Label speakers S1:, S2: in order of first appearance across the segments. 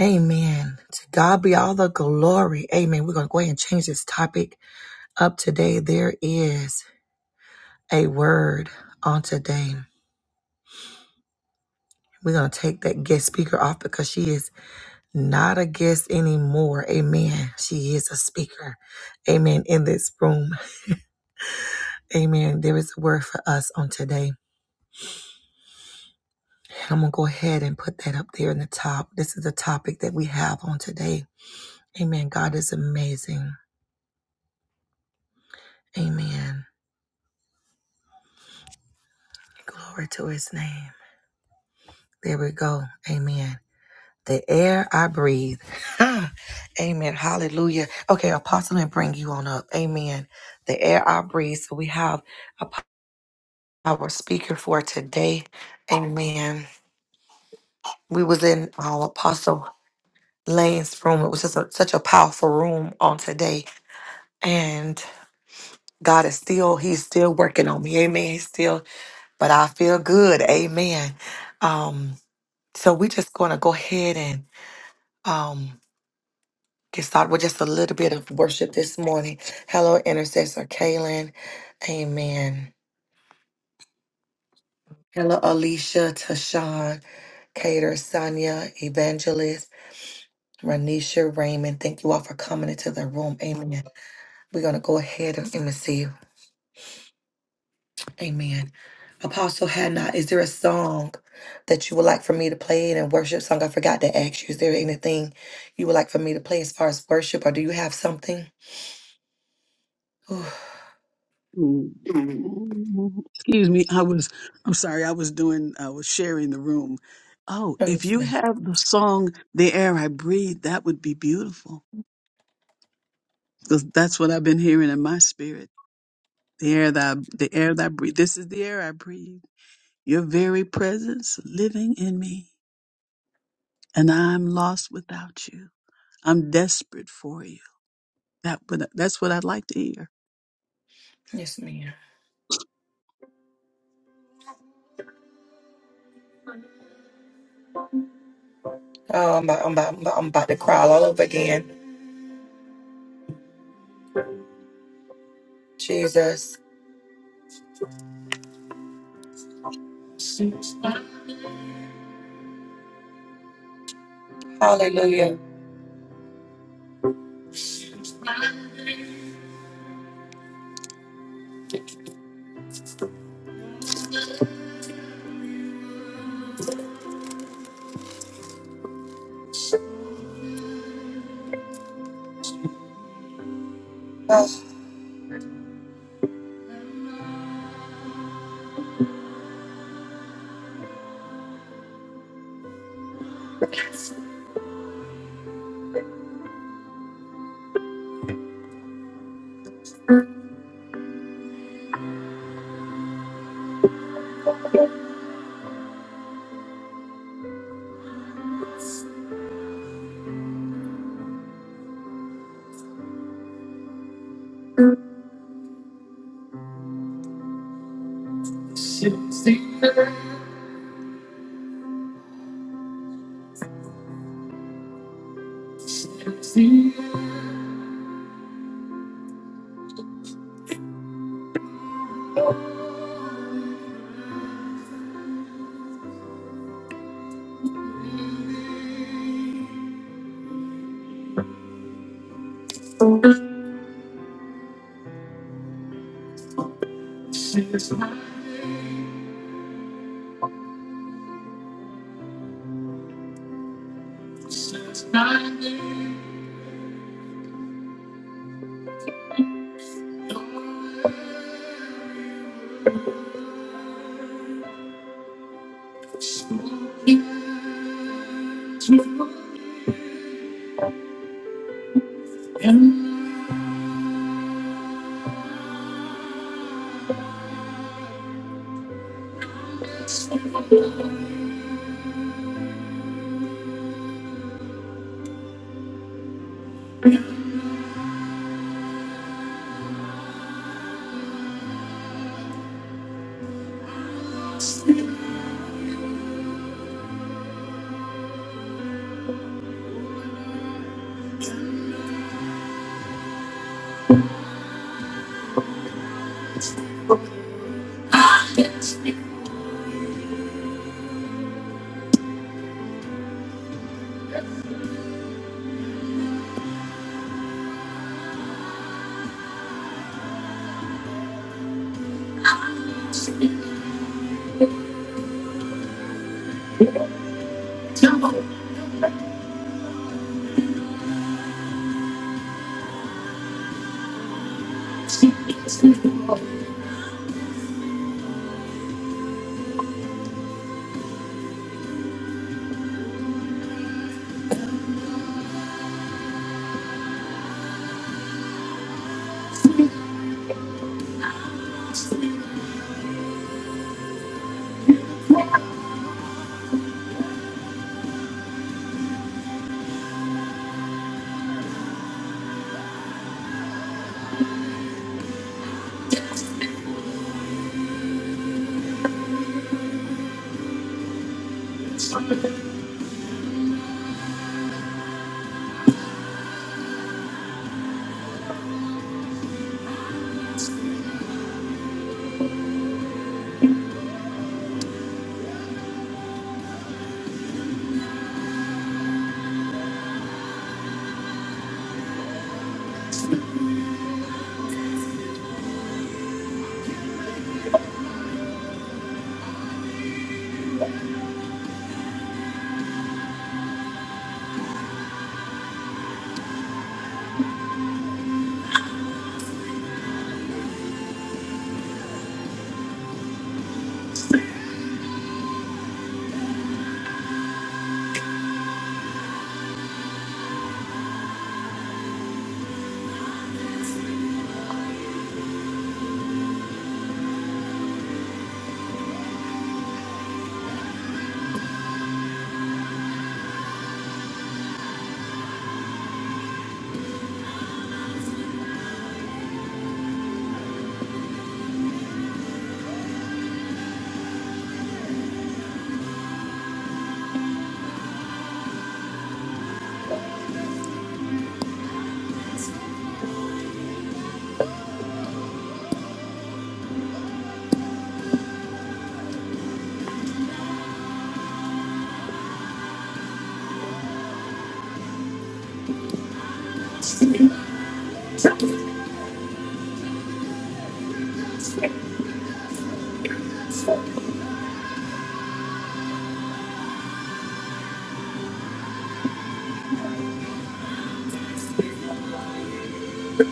S1: Amen. To God be all the glory. Amen. We're going to go ahead and change this topic up today. There is a word on today. We're going to take that guest speaker off because she is not a guest anymore. Amen. She is a speaker. Amen. In this room. Amen. There is a word for us on today. I'm going to go ahead and put that up there in the top. This is the topic that we have on today. Amen. God is amazing. Amen. Glory to his name. There we go. Amen. The air I breathe. Amen. Hallelujah. Okay, Apostle, and bring you on up. Amen. The air I breathe. So we have a power speaker for today. Amen. We was in our Apostle Lane's room. It was just a, such a powerful room on today, and God is still He's still working on me. Amen. He's still, but I feel good. Amen. Um. So we just gonna go ahead and um. Get started with just a little bit of worship this morning. Hello, intercessor Kaylin. Amen. Hello, Alicia, Tashawn, Cater, Sonia, Evangelist, Ranisha, Raymond. Thank you all for coming into the room. Amen. We're going to go ahead and receive. Amen. Apostle Hannah, is there a song that you would like for me to play in a worship song? I forgot to ask you. Is there anything you would like for me to play as far as worship, or do you have something? Ooh,
S2: Mm,
S1: yes,
S2: mm, Excuse me, I was, I'm sorry, I was doing, I was sharing the room. Oh, if you
S1: ma'am.
S2: have the song The Air I Breathe, that would be beautiful. Because that's what I've been hearing in my spirit. The air that I, the air that I breathe. This is the air I breathe. Your very presence living in me. And I'm lost without you. I'm desperate for you. That would that's what I'd like to hear.
S1: Yes, ma'am. Oh, I'm about, I'm about, I'm about, I'm about to cry all over again. Jesus. Hallelujah. Oh.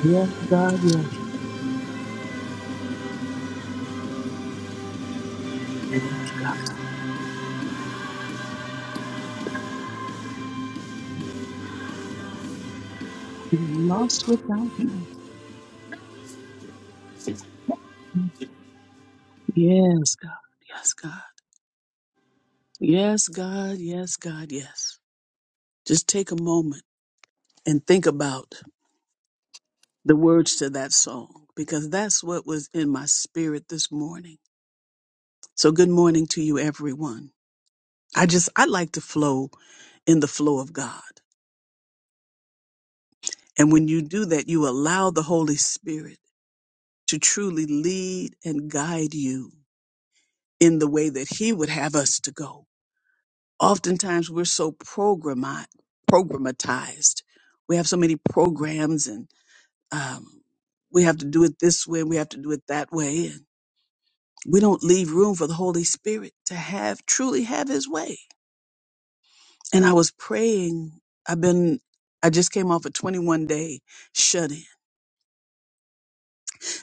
S2: Yes, God, yes. yes. I'm lost without you. Yes, God. Yes, God. Yes, God. Yes, God. Yes. Just take a moment and think about the words to that song because that's what was in my spirit this morning. So, good morning to you, everyone. I just, I like to flow in the flow of God. And when you do that, you allow the Holy Spirit to truly lead and guide you in the way that He would have us to go. Oftentimes, we're so programmi- programmatized. We have so many programs and. Um, we have to do it this way. We have to do it that way. And we don't leave room for the Holy Spirit to have truly have his way. And I was praying. I've been, I just came off a 21 day shut in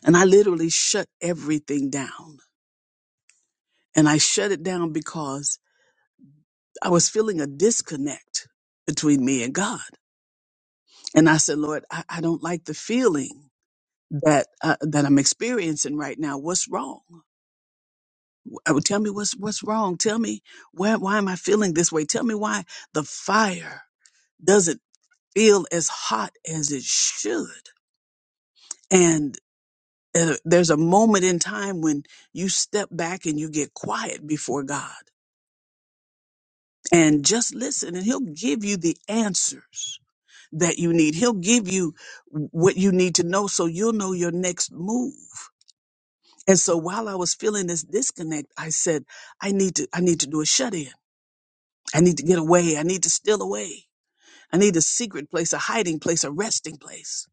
S2: and I literally shut everything down. And I shut it down because I was feeling a disconnect between me and God. And I said, Lord, I, I don't like the feeling that, uh, that I'm experiencing right now. What's wrong? Oh, tell me what's what's wrong. Tell me where why am I feeling this way? Tell me why the fire doesn't feel as hot as it should. And uh, there's a moment in time when you step back and you get quiet before God and just listen and he'll give you the answers that you need. He'll give you what you need to know so you'll know your next move. And so while I was feeling this disconnect, I said I need to I need to do a shut in. I need to get away. I need to steal away. I need a secret place, a hiding place, a resting place.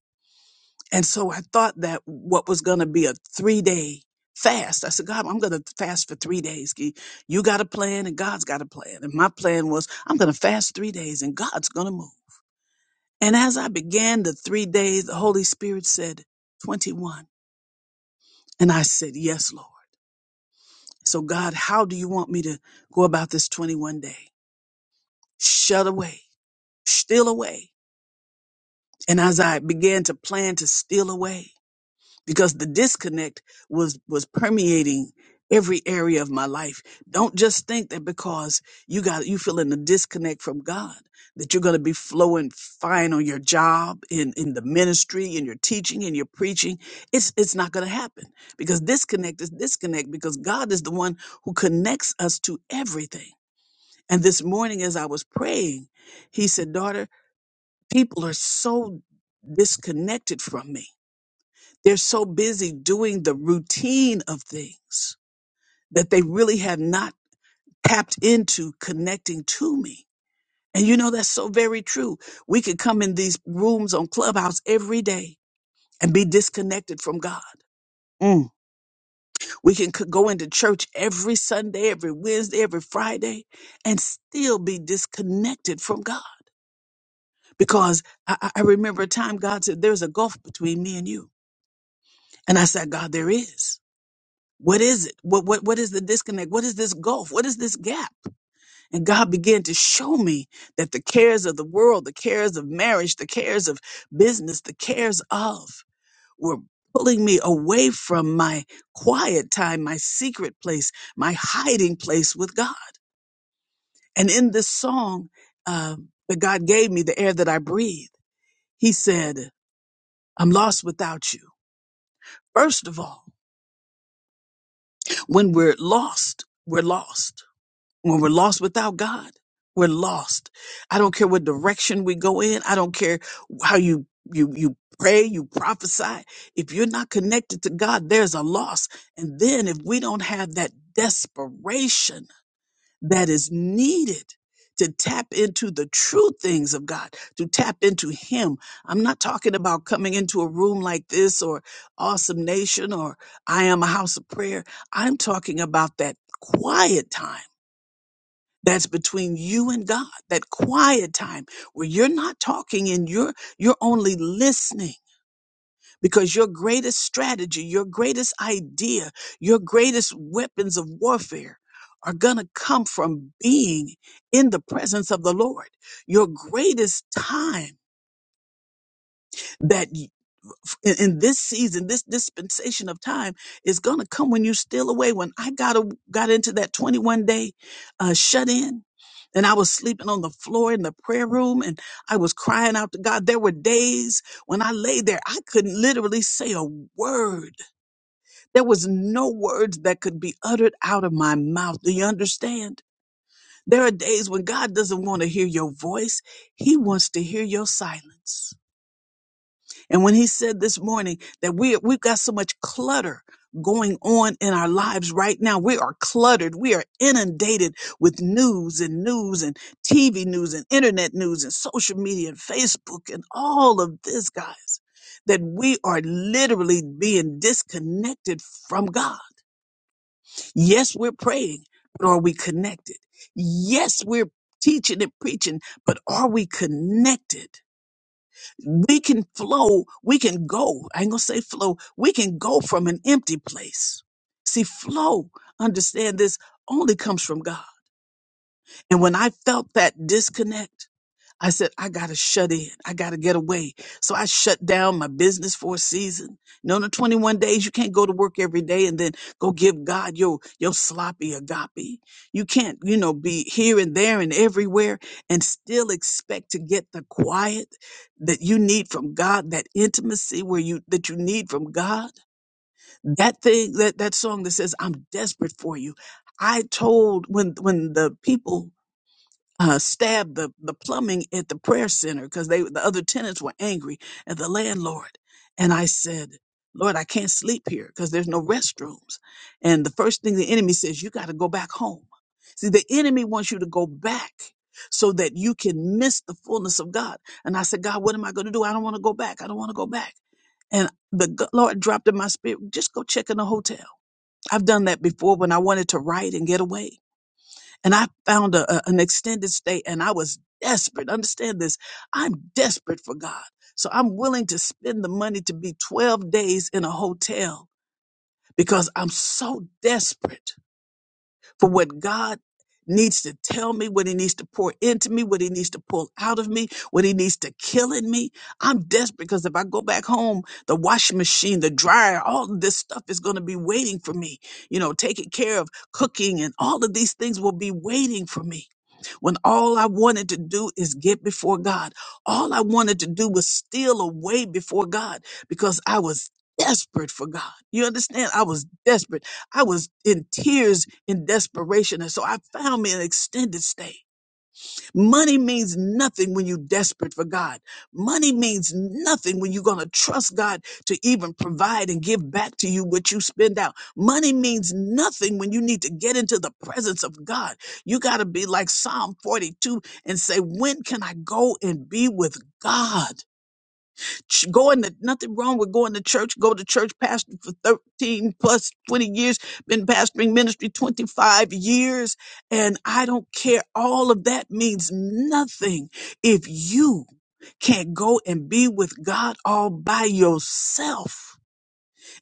S2: And so I thought that what was going to be a three day fast, I said, God, I'm going to fast for three days. Gee, You got a plan and God's got a plan. And my plan was, I'm going to fast three days and God's going to move. And as I began the three days, the Holy Spirit said, 21. And I said, Yes, Lord. So, God, how do you want me to go about this 21 day? Shut away, steal away And as I began to plan to steal away, because the disconnect was, was permeating every area of my life. Don't just think that because you got, you feeling the disconnect from God, that you're going to be flowing fine on your job, in, in the ministry, in your teaching, in your preaching. It's, it's not going to happen because disconnect is disconnect because God is the one who connects us to everything. And this morning, as I was praying, he said, daughter, people are so disconnected from me. They're so busy doing the routine of things that they really have not tapped into connecting to me. And you know, that's so very true. We could come in these rooms on Clubhouse every day and be disconnected from God. Mm. We can c- go into church every Sunday, every Wednesday, every Friday, and still be disconnected from God. Because I, I I remember a time God said, There's a gulf between me and you And I said, God, there is. What is it? What, what, what is the disconnect? What is this gulf? What is this gap? And God began to show me that the cares of the world, the cares of marriage, the cares of business, the cares of were pulling me away from my quiet time, my secret place, my hiding place with God. And in this song um, that God gave me, the air that I breathe, He said, I'm lost without you. First of all, when we're lost, we're lost when we're lost without God, we're lost. I don't care what direction we go in. I don't care how you you you pray, you prophesy. If you're not connected to God, there's a loss. And then if we don't have that desperation that is needed to tap into the true things of God, to tap into Him. I'm not talking about coming into a room like this or Awesome Nation or I Am a House of Prayer. I'm talking about that quiet time that's between you and God, that quiet time where you're not talking and you're you're only listening because your greatest strategy, your greatest idea, your greatest weapons of warfare are going to come from being in the presence of the Lord. Your greatest time that in, in this season, this dispensation of time is going to come when you steal away. When I got a, got into that 21 day uh, shut in, and I was sleeping on the floor in the prayer room, and I was crying out to God. There were days when I lay there, I couldn't literally say a word. There was no words that could be uttered out of my mouth. Do you understand? There are days when God doesn't want to hear your voice; He wants to hear your silence. And when he said this morning that we, we've got so much clutter going on in our lives right now, we are cluttered. We are inundated with news and news and TV news and internet news and social media and Facebook and all of this, guys, that we are literally being disconnected from God. Yes, we're praying, but are we connected? Yes, we're teaching and preaching, but are we connected? we can flow, we can go. I ain't gonna say flow, we can go from an empty place. See, flow, understand this, only comes from God. And when I felt that disconnect, I said, I got to shut in. I got to get away. So I shut down my business for a season. No, no, 21 days. You can't go to work every day and then go give God your, your sloppy agape. You can't, you know, be here and there and everywhere and still expect to get the quiet that you need from God, that intimacy where you, that you need from God. That thing, that, that song that says, I'm desperate for you. I told when, when the people uh, stabbed the, the plumbing at the prayer center because they the other tenants were angry at the landlord. And I said, Lord, I can't sleep here because there's no restrooms. And the first thing the enemy says, you got to go back home. See, the enemy wants you to go back so that you can miss the fullness of God. And I said, God, what am I going to do? I don't want to go back. I don't want to go back. And the g- Lord dropped in my spirit, just go check in a hotel. I've done that before when I wanted to write and get away and I found a, a- an extended stay and I was desperate. Understand this. I'm desperate for God. So I'm willing to spend the money to be 12 days in a hotel because I'm so desperate for what God needs to tell me, what he needs to pour into me, what he needs to pull out of me, what he needs to kill in me. I'm desperate because if I go back home, the washing machine, the dryer, all of this stuff is going to be waiting for me. You know, taking care of cooking and all of these things will be waiting for me when all I wanted to do is get before God. All I wanted to do was steal away before God because I was desperate for God. You understand? I was desperate. I was in tears in desperation. And so I found me an extended stay. Money means nothing when you're desperate for God. Money means nothing when you're going to trust God to even provide and give back to you what you spend out. Money means nothing when you need to get into the presence of God. You got to be like Psalm 42 and say, When can I go and be with God? Ch- Going to nothing wrong with going to church. Go to church, pastor for 13 plus 20 years, been pastoring ministry 25 years. And I don't care. All of that means nothing if you can't go and be with God all by yourself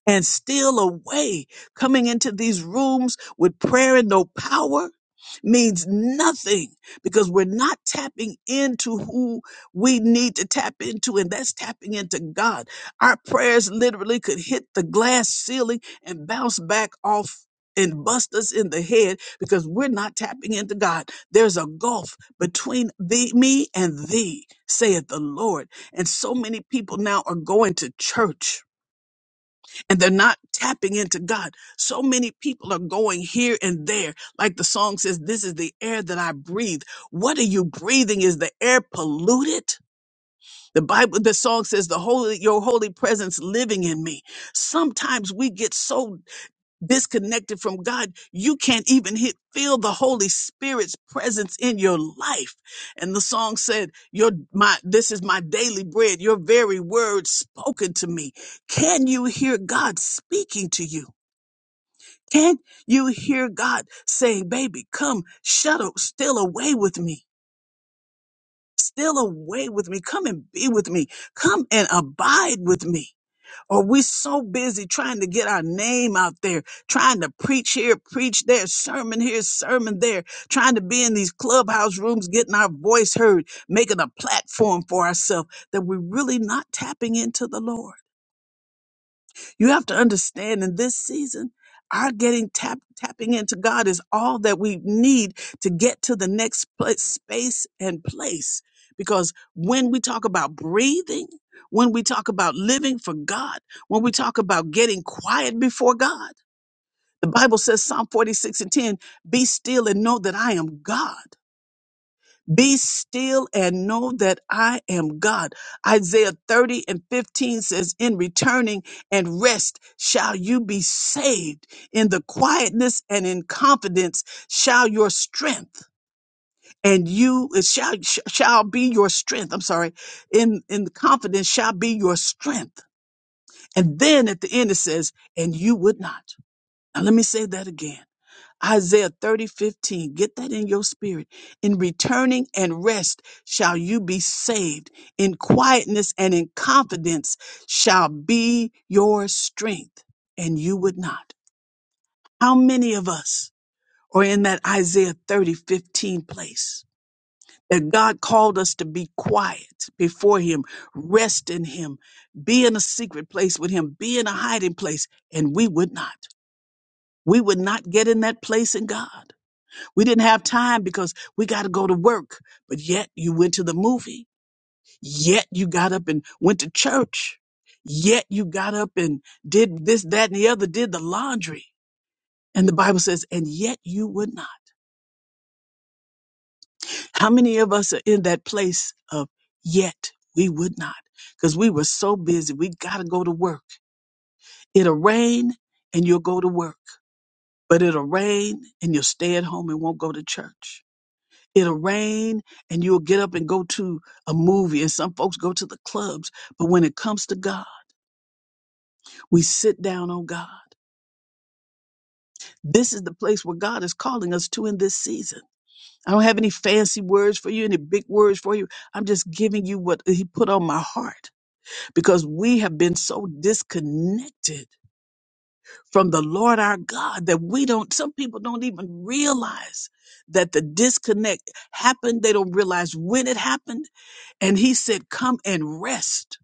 S2: and steal away. Coming into these rooms with prayer and no power means nothing because we're not tapping into who we need to tap into, and that's tapping into God. Our prayers literally could hit the glass ceiling and bounce back off and bust us in the head because we're not tapping into God. There's a gulf between thee, me and thee, saith the Lord. And so many people now are going to church and they're not tapping into God. So many people are going here and there. Like the song says, this is the air that I breathe. What are you breathing? Is the air polluted? The Bible, the song says, the holy, your holy presence living in me. Sometimes we get so disconnected from God, you can't even hit, feel the Holy Spirit's presence in your life. And the song said, your, my, this is my daily bread, your very word spoken to me. Can you hear God speaking to you? Can you hear God saying, baby, come, shut up, still away with me. Still away with me. Come and be with me. Come and abide with me. Or we so busy trying to get our name out there, trying to preach here, preach there, sermon here, sermon there, trying to be in these clubhouse rooms, getting our voice heard, making a platform for ourselves that we're really not tapping into the Lord. You have to understand in this season, our getting tap, tapping into God is all that we need to get to the next place, space and place. Because when we talk about breathing, when we talk about living for God, when we talk about getting quiet before God, the Bible says, Psalm 46 and 10, be still and know that I am God. Be still and know that I am God. Isaiah 30 and 15 says, In returning and rest shall you be saved. In the quietness and in confidence shall your strength and you it shall sh- shall be your strength. I'm sorry. In in confidence shall be your strength. And then at the end it says, and you would not. Now let me say that again. Isaiah 30 15. Get that in your spirit. In returning and rest shall you be saved. In quietness and in confidence shall be your strength, and you would not. How many of us are in that Isaiah 30 15 place? That God called us to be quiet before Him, rest in Him, be in a secret place with Him, be in a hiding place, and we would not. We would not get in that place in God. We didn't have time because we got to go to work. But yet you went to the movie. Yet you got up and went to church. Yet you got up and did this, that, and the other, did the laundry. And the Bible says, and yet you would not. How many of us are in that place of yet we would not? Because we were so busy. We got to go to work. It'll rain and you'll go to work, but it'll rain and you'll stay at home and won't go to church It'll rain and you'll get up and go to a movie, and some folks go to the clubs. But when it comes to God, we sit down on God. This is the place where God is calling us to in this season. I don't have any fancy words for you, any big words for you. I'm just giving you what He put on my heart because we have been so disconnected from the Lord our God that we don't, some people don't even realize that the disconnect happened. They don't realize when it happened And he said, Come and rest.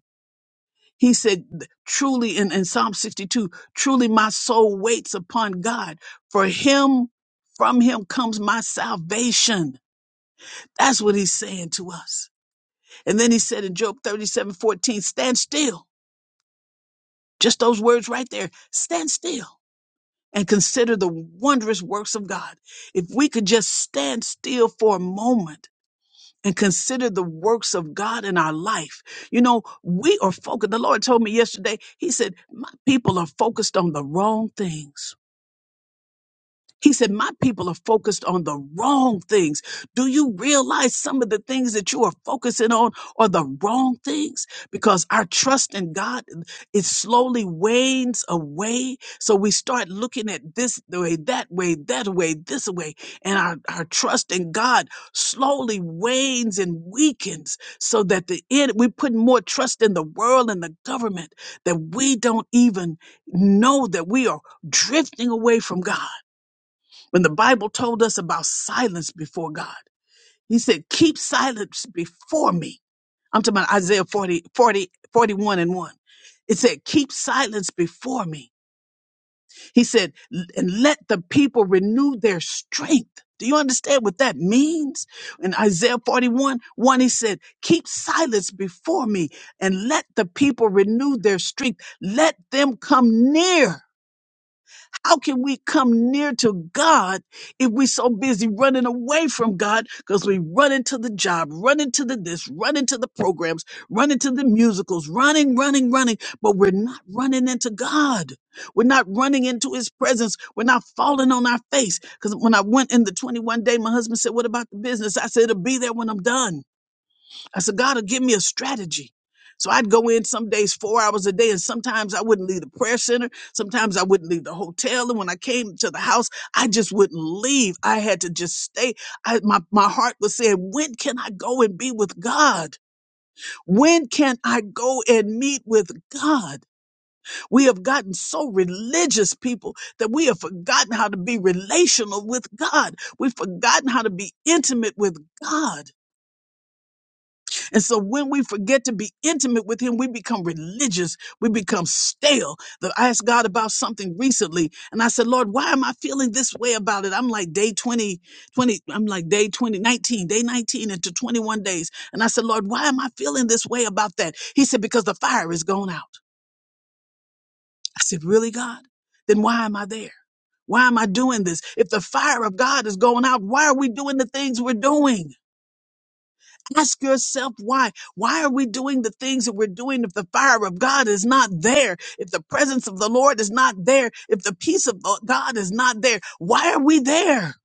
S2: He said, Truly, in, in Psalm 62, truly my soul waits upon God. For him, from him comes my salvation. That's what he's saying to us. And then he said in Job 37 14, Stand still. Just those words right there. Stand still and consider the wondrous works of God. If we could just stand still for a moment and consider the works of God in our life. You know, we are focused. The Lord told me yesterday, He said, My people are focused on the wrong things. He said, My people are focused on the wrong things. Do you realize some of the things that you are focusing on are the wrong things? Because our trust in God, it slowly wanes away. So we start looking at this way, that way, that way, this way. And our, our trust in God slowly wanes and weakens so that the end, we put more trust in the world and the government that we don't even know that we are drifting away from God. When the Bible told us about silence before God, he said, keep silence before me. I'm talking about Isaiah 40, 40, 41 and 1. It said, keep silence before me. He said, and let the people renew their strength. Do you understand what that means? In Isaiah 41, 1, he said, keep silence before me and let the people renew their strength. Let them come near. How can we come near to God if we're so busy running away from God because we run into the job, run into the this, run into the programs, run into the musicals, running, running, running, but we're not running into God. We're not running into his presence. We're not falling on our face. Because when I went in the 21 day, my husband said, What about the business? I said, It'll be there when I'm done. I said, God will give me a strategy. So I'd go in some days four hours a day, and sometimes I wouldn't leave the prayer center. Sometimes I wouldn't leave the hotel. And when I came to the house, I just wouldn't leave. I had to just stay. I, my, my heart was saying, When can I go and be with God? When can I go and meet with God? We have gotten so religious, people, that we have forgotten how to be relational with God. We've forgotten how to be intimate with God. And so when we forget to be intimate with him, we become religious. We become stale. The- I asked God about something recently and I said, Lord, why am I feeling this way about it? I'm like day twenty, twenty, I'm like day 20 19, day 19 into 21 days. And I said, Lord, why am I feeling this way about that? He said, because the fire is gone out. I said, really, God? Then why am I there? Why am I doing this? If the fire of God is going out, why are we doing the things we're doing? Ask yourself why. Why are we doing the things that we're doing if the fire of God is not there? If the presence of the Lord is not there? If the peace of the- God is not there? Why are we there?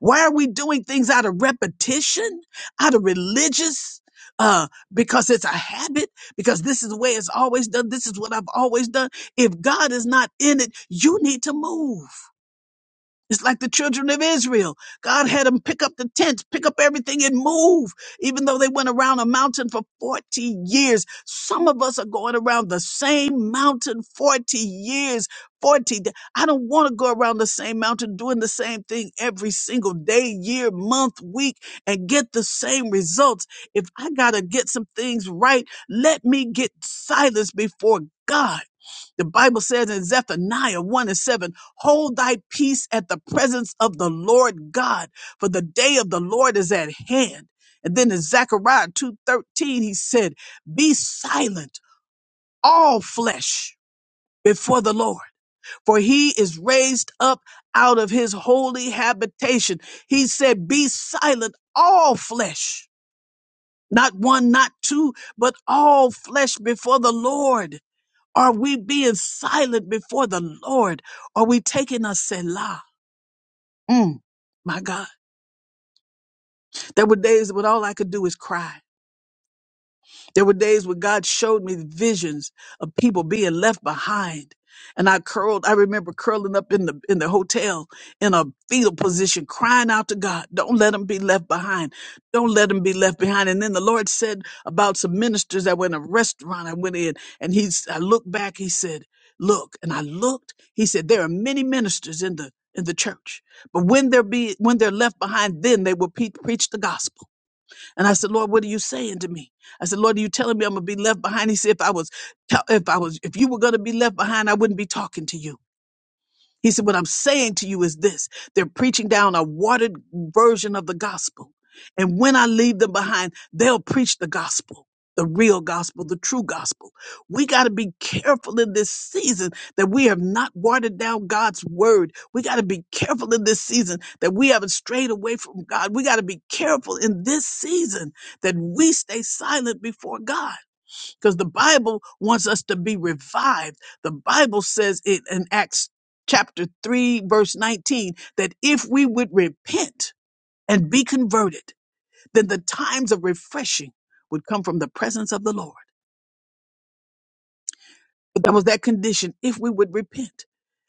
S2: Why are we doing things out of repetition, out of religious? Uh, because it's a habit, because this is the way it's always done. This is what I've always done. If God is not in it, you need to move. It's like the children of Israel. God had them pick up the tent, pick up everything and move, even though they went around a mountain for 40 years. Some of us are going around the same mountain 40 years. 40. da- I don't want to go around the same mountain doing the same thing every single day, year, month, week, and get the same results. If I got to get some things right, let me get silence before God. The Bible says in Zephaniah 1 and 7, hold thy peace at the presence of the Lord God, for the day of the Lord is at hand. And then in Zechariah 2:13, he said, Be silent, all flesh, before the Lord, for he is raised up out of his holy habitation. He said, Be silent, all flesh, not one, not two, but all flesh before the Lord are we being silent before the Lord? Are we taking a Selah? Mm, my God. There were days when all I could do is cry. There were days where God showed me visions of people being left behind. And I curled, I remember curling up in the in the hotel in a fetal position, crying out to God, don't let them be left behind. Don't let them be left behind. And then the Lord said about some ministers that were in a restaurant I went in, and he's I looked back, he said, Look, and I looked, he said, There are many ministers in the in the church. But when they're be when they're left behind, then they will pe- preach the gospel. And I said, Lord, what are you saying to me? I said, Lord, are you telling me I'm gonna be left behind? He said, if I was, if I was, if you were gonna be left behind, I wouldn't be talking to you. He said, What I'm saying to you is this they're preaching down a watered version of the gospel. And when I leave them behind, they'll preach the gospel, the real gospel, the true gospel. We got to be careful in this season that we have not watered down God's word. We got to be careful in this season that we haven't strayed away from God. We got to be careful in this season that we stay silent before God because the Bible wants us to be revived. The Bible says it in Acts chapter 3, verse 19, that if we would repent and be converted, then the times of refreshing would come from the presence of the Lord. But that was that condition if we would repent.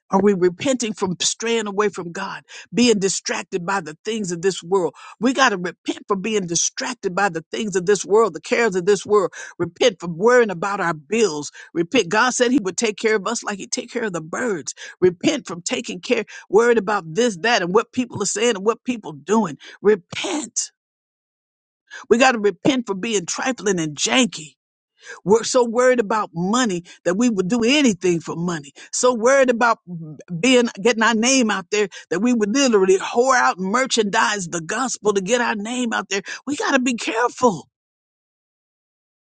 S2: Are we repenting from straying away from God, being distracted by the things of this world? We got to repent for being distracted by the things of this world, the cares of this world. Repent for worrying about our bills. Repent. God said he would take care of us like he take care of the birds. Repent from taking care, worried about this, that, and what people are saying and what people doing. Repent. We got to repent for being trifling and janky. We're so worried about money that we would do anything for money. So worried about being getting our name out there that we would literally whore out and merchandise the gospel to get our name out there. We got to be careful.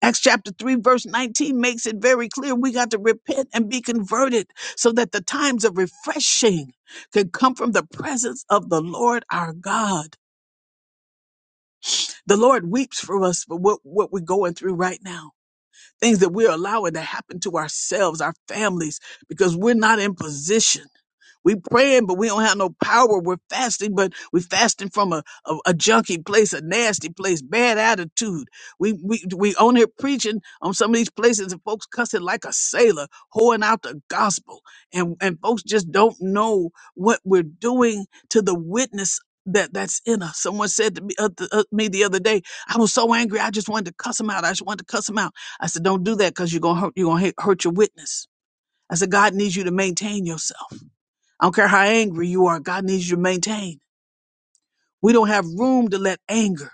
S2: Acts chapter 3 verse 19 makes it very clear we got to repent and be converted so that the times of refreshing could come from the presence of the Lord our God. The Lord weeps for us for what, what we're going through right now things that we're allowing to happen to ourselves, our families, because we're not in position we praying, but we don't have no power. We're fasting, but we're fasting from a, a, a junky place, a nasty place, bad attitude. We we we on here preaching on some of these places and folks cussing like a sailor, hoeing out the gospel. And and folks just don't know what we're doing to the witness that that's in us. Someone said to me, uh, the, uh, me the other day, I was so angry, I just wanted to cuss him out. I just wanted to cuss him out. I said, don't do that because you're gonna hurt you're gonna hurt your witness. I said, God needs you to maintain yourself. I don't care how angry you are, God needs you to maintain. We don't have room to let anger,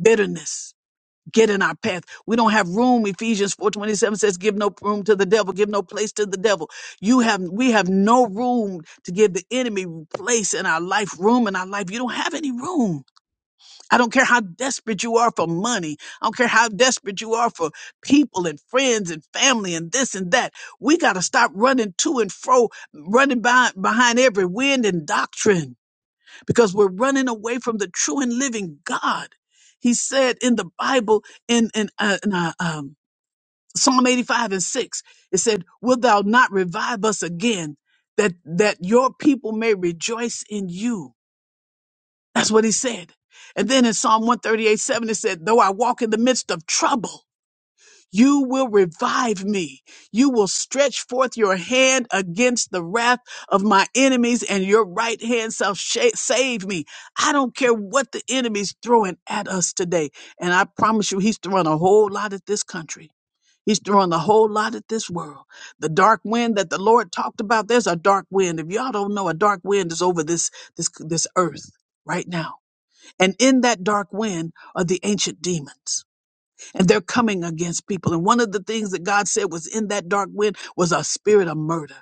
S2: bitterness get in our path. We don't have room. Ephesians 4:27 says, "Give no room to the devil, give no place to the devil." You have we have no room to give the enemy place in our life, room in our life. You don't have any room. I don't care how desperate you are for money. I don't care how desperate you are for people and friends and family and this and that. We got to stop running to and fro, running by behind every wind and doctrine because we're running away from the true and living God. He said in the Bible in in, uh, in uh, um, Psalm 85 and 6, it said, "Wilt thou not revive us again, that that your people may rejoice in you?" That's what he said. And then in Psalm 138, 7, it said, "Though I walk in the midst of trouble." You will revive me. You will stretch forth your hand against the wrath of my enemies, and your right hand shall sha- save me. I don't care what the enemy's throwing at us today. And I promise you, he's throwing a whole lot at this country. He's throwing a whole lot at this world. The dark wind that the Lord talked about, there's a dark wind. If y'all don't know, a dark wind is over this, this, this earth right now. And in that dark wind are the ancient demons and they're coming against people. And one of the things that God said was in that dark wind was a spirit of murder.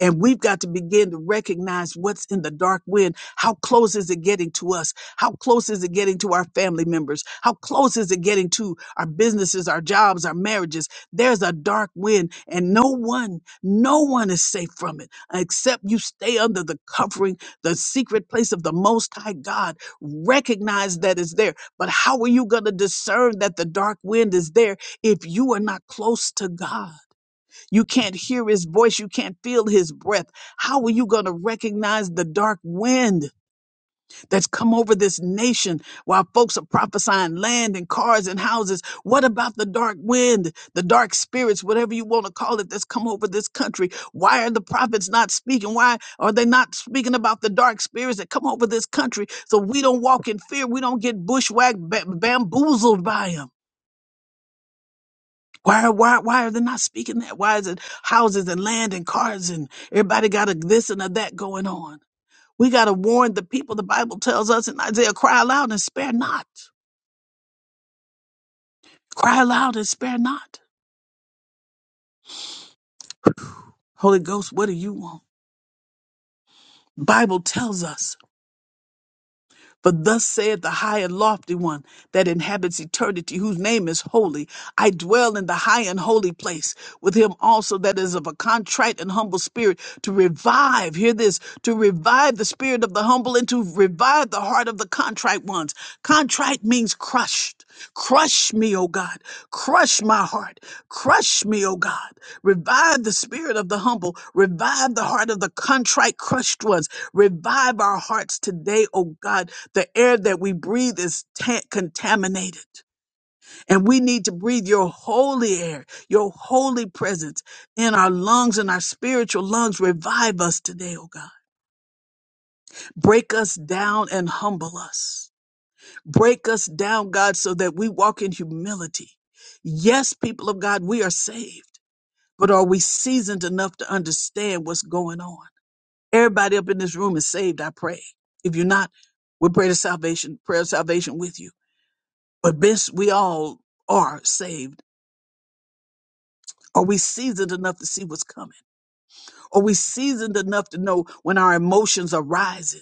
S2: And we've got to begin to recognize what's in the dark wind. How close is it getting to us? How close is it getting to our family members? How close is it getting to our businesses, our jobs, our marriages? There's a dark wind, and no one, no one is safe from it except you stay under the covering, the secret place of the Most High God. Recognize that it's there. But how are you going to discern that the dark wind is there if you are not close to God? You can't hear his voice. You can't feel his breath. How are you going to recognize the dark wind that's come over this nation while folks are prophesying land and cars and houses? What about the dark wind, the dark spirits, whatever you want to call it, that's come over this country? Why are the prophets not speaking? Why are they not speaking about the dark spirits that come over this country so we don't walk in fear? We don't get bushwhacked, ba- bamboozled by them. Why, why, why are they not speaking that? Why is it houses and land and cars and everybody got a this and a that going on? We got to warn the people. The Bible tells us in Isaiah, cry aloud and spare not. Cry aloud and spare not. Holy Ghost, what do you want? Bible tells us. For thus saith the high and lofty one that inhabits eternity, whose name is holy. I dwell in the high and holy place with him also that is of a contrite and humble spirit to revive, hear this, to revive the spirit of the humble and to revive the heart of the contrite ones. Contrite means crushed. Crush me, O God. Crush my heart. Crush me, O God. Revive the spirit of the humble. Revive the heart of the contrite, crushed ones. Revive our hearts today, O God. The air that we breathe is ta- contaminated, and we need to breathe your holy air, your holy presence in our lungs and our spiritual lungs. Revive us today, O God. Break us down and humble us. Break us down, God, so that we walk in humility. Yes, people of God, we are saved but are we seasoned enough to understand what's going on? Everybody up in this room is saved, I pray. If you're not, we pray to salvation, prayer of salvation with you. But best we all are saved. Are we seasoned enough to see what's coming? Are we seasoned enough to know when our emotions are rising?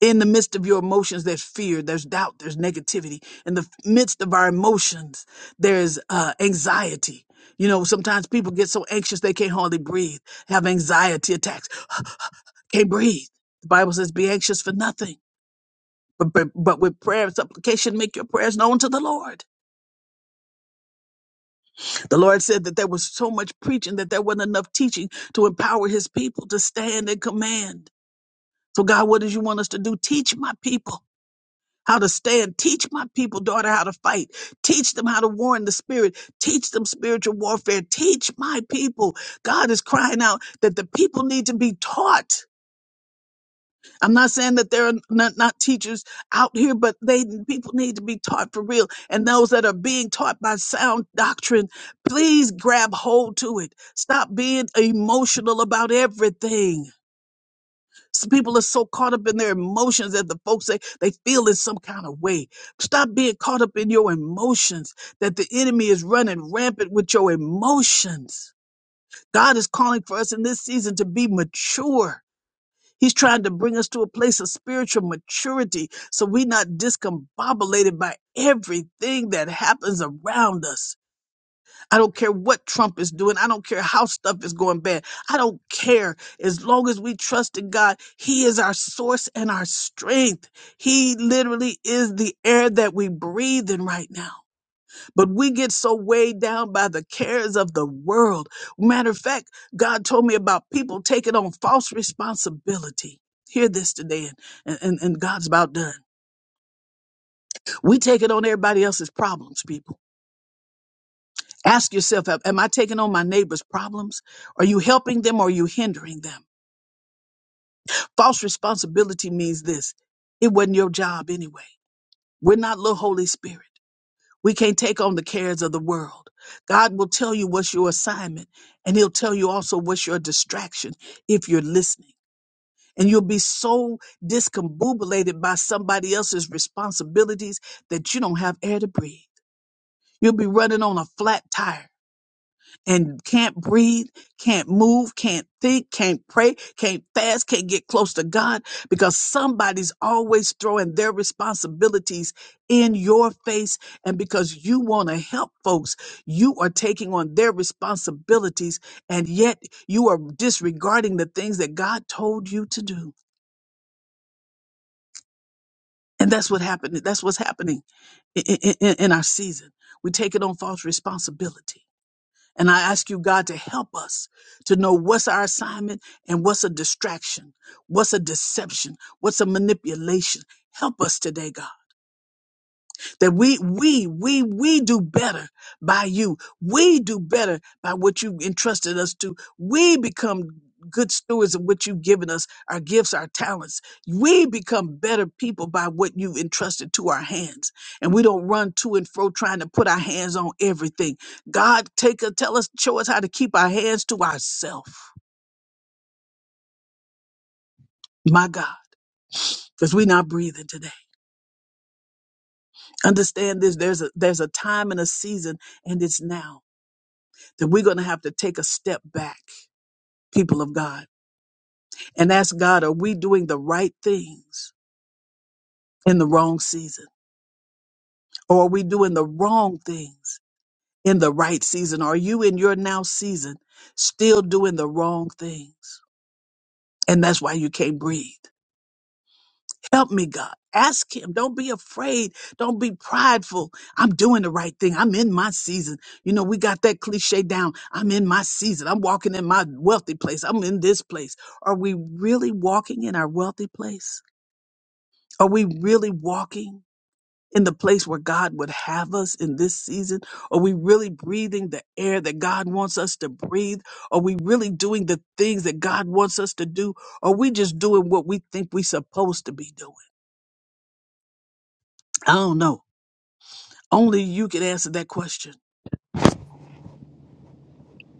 S2: In the midst of your emotions, there's fear, there's doubt, there's negativity. In the midst of our emotions, there's uh, anxiety. You know, sometimes people get so anxious they can't hardly breathe, have anxiety attacks. Can't breathe. The Bible says, be anxious for nothing. But, but, but with prayer and supplication, make your prayers known to the Lord. The Lord said that there was so much preaching that there wasn't enough teaching to empower his people to stand and command. So, God, what does you want us to do? Teach my people how to stand. Teach my people, daughter, how to fight. Teach them how to war in the spirit. Teach them spiritual warfare. Teach my people. God is crying out that the people need to be taught I'm not saying that there are not, not teachers out here, but they people need to be taught for real. And those that are being taught by sound doctrine, please grab hold to it. Stop being emotional about everything. Some people are so caught up in their emotions that the folks say they feel in some kind of way. Stop being caught up in your emotions, that the enemy is running rampant with your emotions. God is calling for us in this season to be mature He's trying to bring us to a place of spiritual maturity so we're not discombobulated by everything that happens around us. I don't care what Trump is doing. I don't care how stuff is going bad. I don't care. As long as we trust in God, He is our source and our strength. He literally is the air that we breathe in right now. But we get so weighed down by the cares of the world. Matter of fact, God told me about people taking on false responsibility. Hear this today, and, and, and God's about done. We take it on everybody else's problems, people. Ask yourself, am am I taking on my neighbor's problems? Are you helping them or are you hindering them? False responsibility means this it wasn't your job anyway. We're not little Holy Spirit. We can't take on the cares of the world. God will tell you what's your assignment, and He'll tell you also what's your distraction if you're listening. And you'll be so discombobulated by somebody else's responsibilities that you don't have air to breathe. You'll be running on a flat tire and can't breathe, can't move, can't think, can't pray, can't fast, can't get close to God because somebody's always throwing their responsibilities in your face. And because you want to help folks, you are taking on their responsibilities and yet you are disregarding the things that God told you to do. And that's what happened. That's what's happening in, in, in our season. We're taking on false responsibility. And I ask you, God, to help us to know what's our assignment and what's a distraction, what's a deception, what's a manipulation. Help us today, God that we we we we do better by you we do better by what you entrusted us to we become good stewards of what you've given us our gifts our talents we become better people by what you've entrusted to our hands and we don't run to and fro trying to put our hands on everything god take us tell us show us how to keep our hands to ourselves my god because we're not breathing today understand this there's a there's a time and a season and it's now that we're going to have to take a step back, people of God, and ask God, are we doing the right things in the wrong season? Or are we doing the wrong things in the right season? Are you in your now season still doing the wrong things? And that's why you can't breathe. Help me, God. Ask him. Don't be afraid. Don't be prideful. I'm doing the right thing. I'm in my season. You know, we got that cliche down. I'm in my season. I'm walking in my wealthy place. I'm in this place. Are we really walking in our wealthy place? Are we really walking in the place where God would have us in this season? Are we really breathing the air that God wants us to breathe? Are we really doing the things that God wants us to do? Are we just doing what we think we're supposed to be doing? I don't know. Only you can answer that question.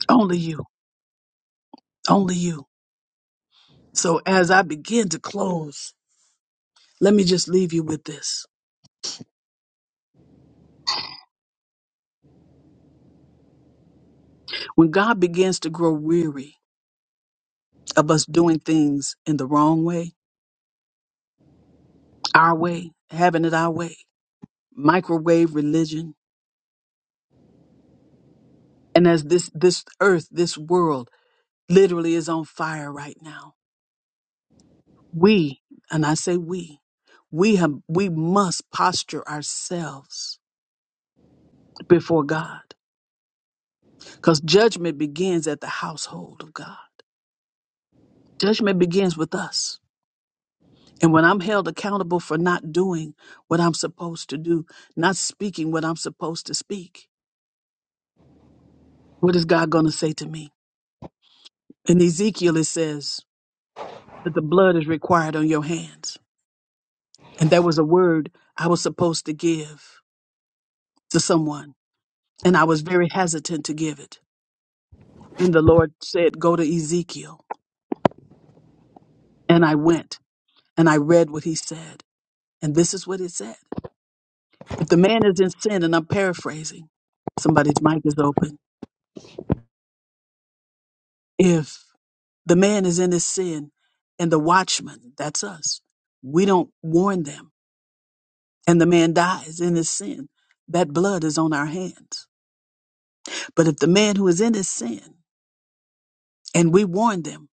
S2: Only you. Only you. So as I begin to close, let me just leave you with this. When God begins to grow weary of us doing things in the wrong way, our way, having it our way, microwave religion, and as this this earth, this world literally is on fire right now. We, and I say we, we have we must posture ourselves before God. Because judgment begins at the household of God. Judgment begins with us. And when I'm held accountable for not doing what I'm supposed to do, not speaking what I'm supposed to speak, what is God going to say to me? In Ezekiel, it says that the blood is required on your hands. And there was a word I was supposed to give to someone, and I was very hesitant to give it. And the Lord said, Go to Ezekiel. And I went and I read what he said. And this is what it said. If the man is in sin, and I'm paraphrasing, somebody's mic is open If the man is in his sin and the watchman, that's us, we don't warn them and the man dies in his sin, that blood is on our hands. But if the man who is in his sin and we warn them,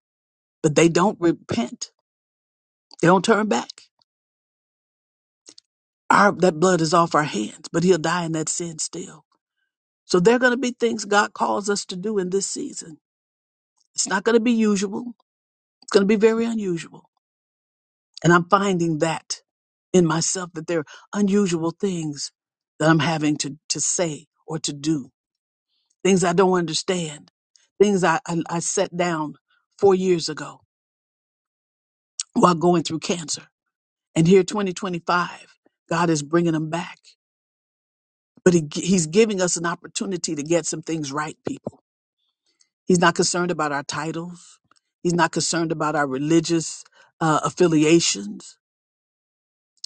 S2: but they don't repent, they don't turn back, our, that blood is off our hands, but he'll die in that sin still. So there are going to be things God calls us to do in this season. It's not going to be usual. It's going to be very unusual And I'm finding that in myself that there are unusual things that I'm having to, to say or to do, things I don't understand, things I, I, I set down four years ago while going through cancer. And here, 2025, God is bringing them back. But he, gi- He's giving us an opportunity to get some things right, people. He's not concerned about our titles, He's not concerned about our religious uh, affiliations.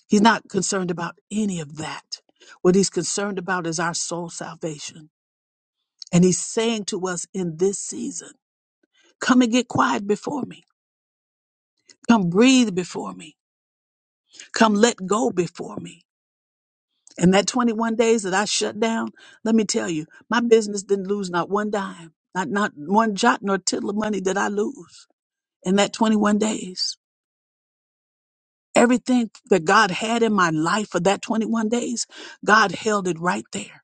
S2: He's not concerned about any of that. What he's concerned about is our soul salvation. And he's saying to us in this season, come and get quiet before me. Come breathe before me. Come let go before me. And that 21 days that I shut down, let me tell you, my business didn't lose not one dime, not, not one jot nor tittle of money did I lose in that 21 days. Everything that God had in my life for that 21 days, God held it right there.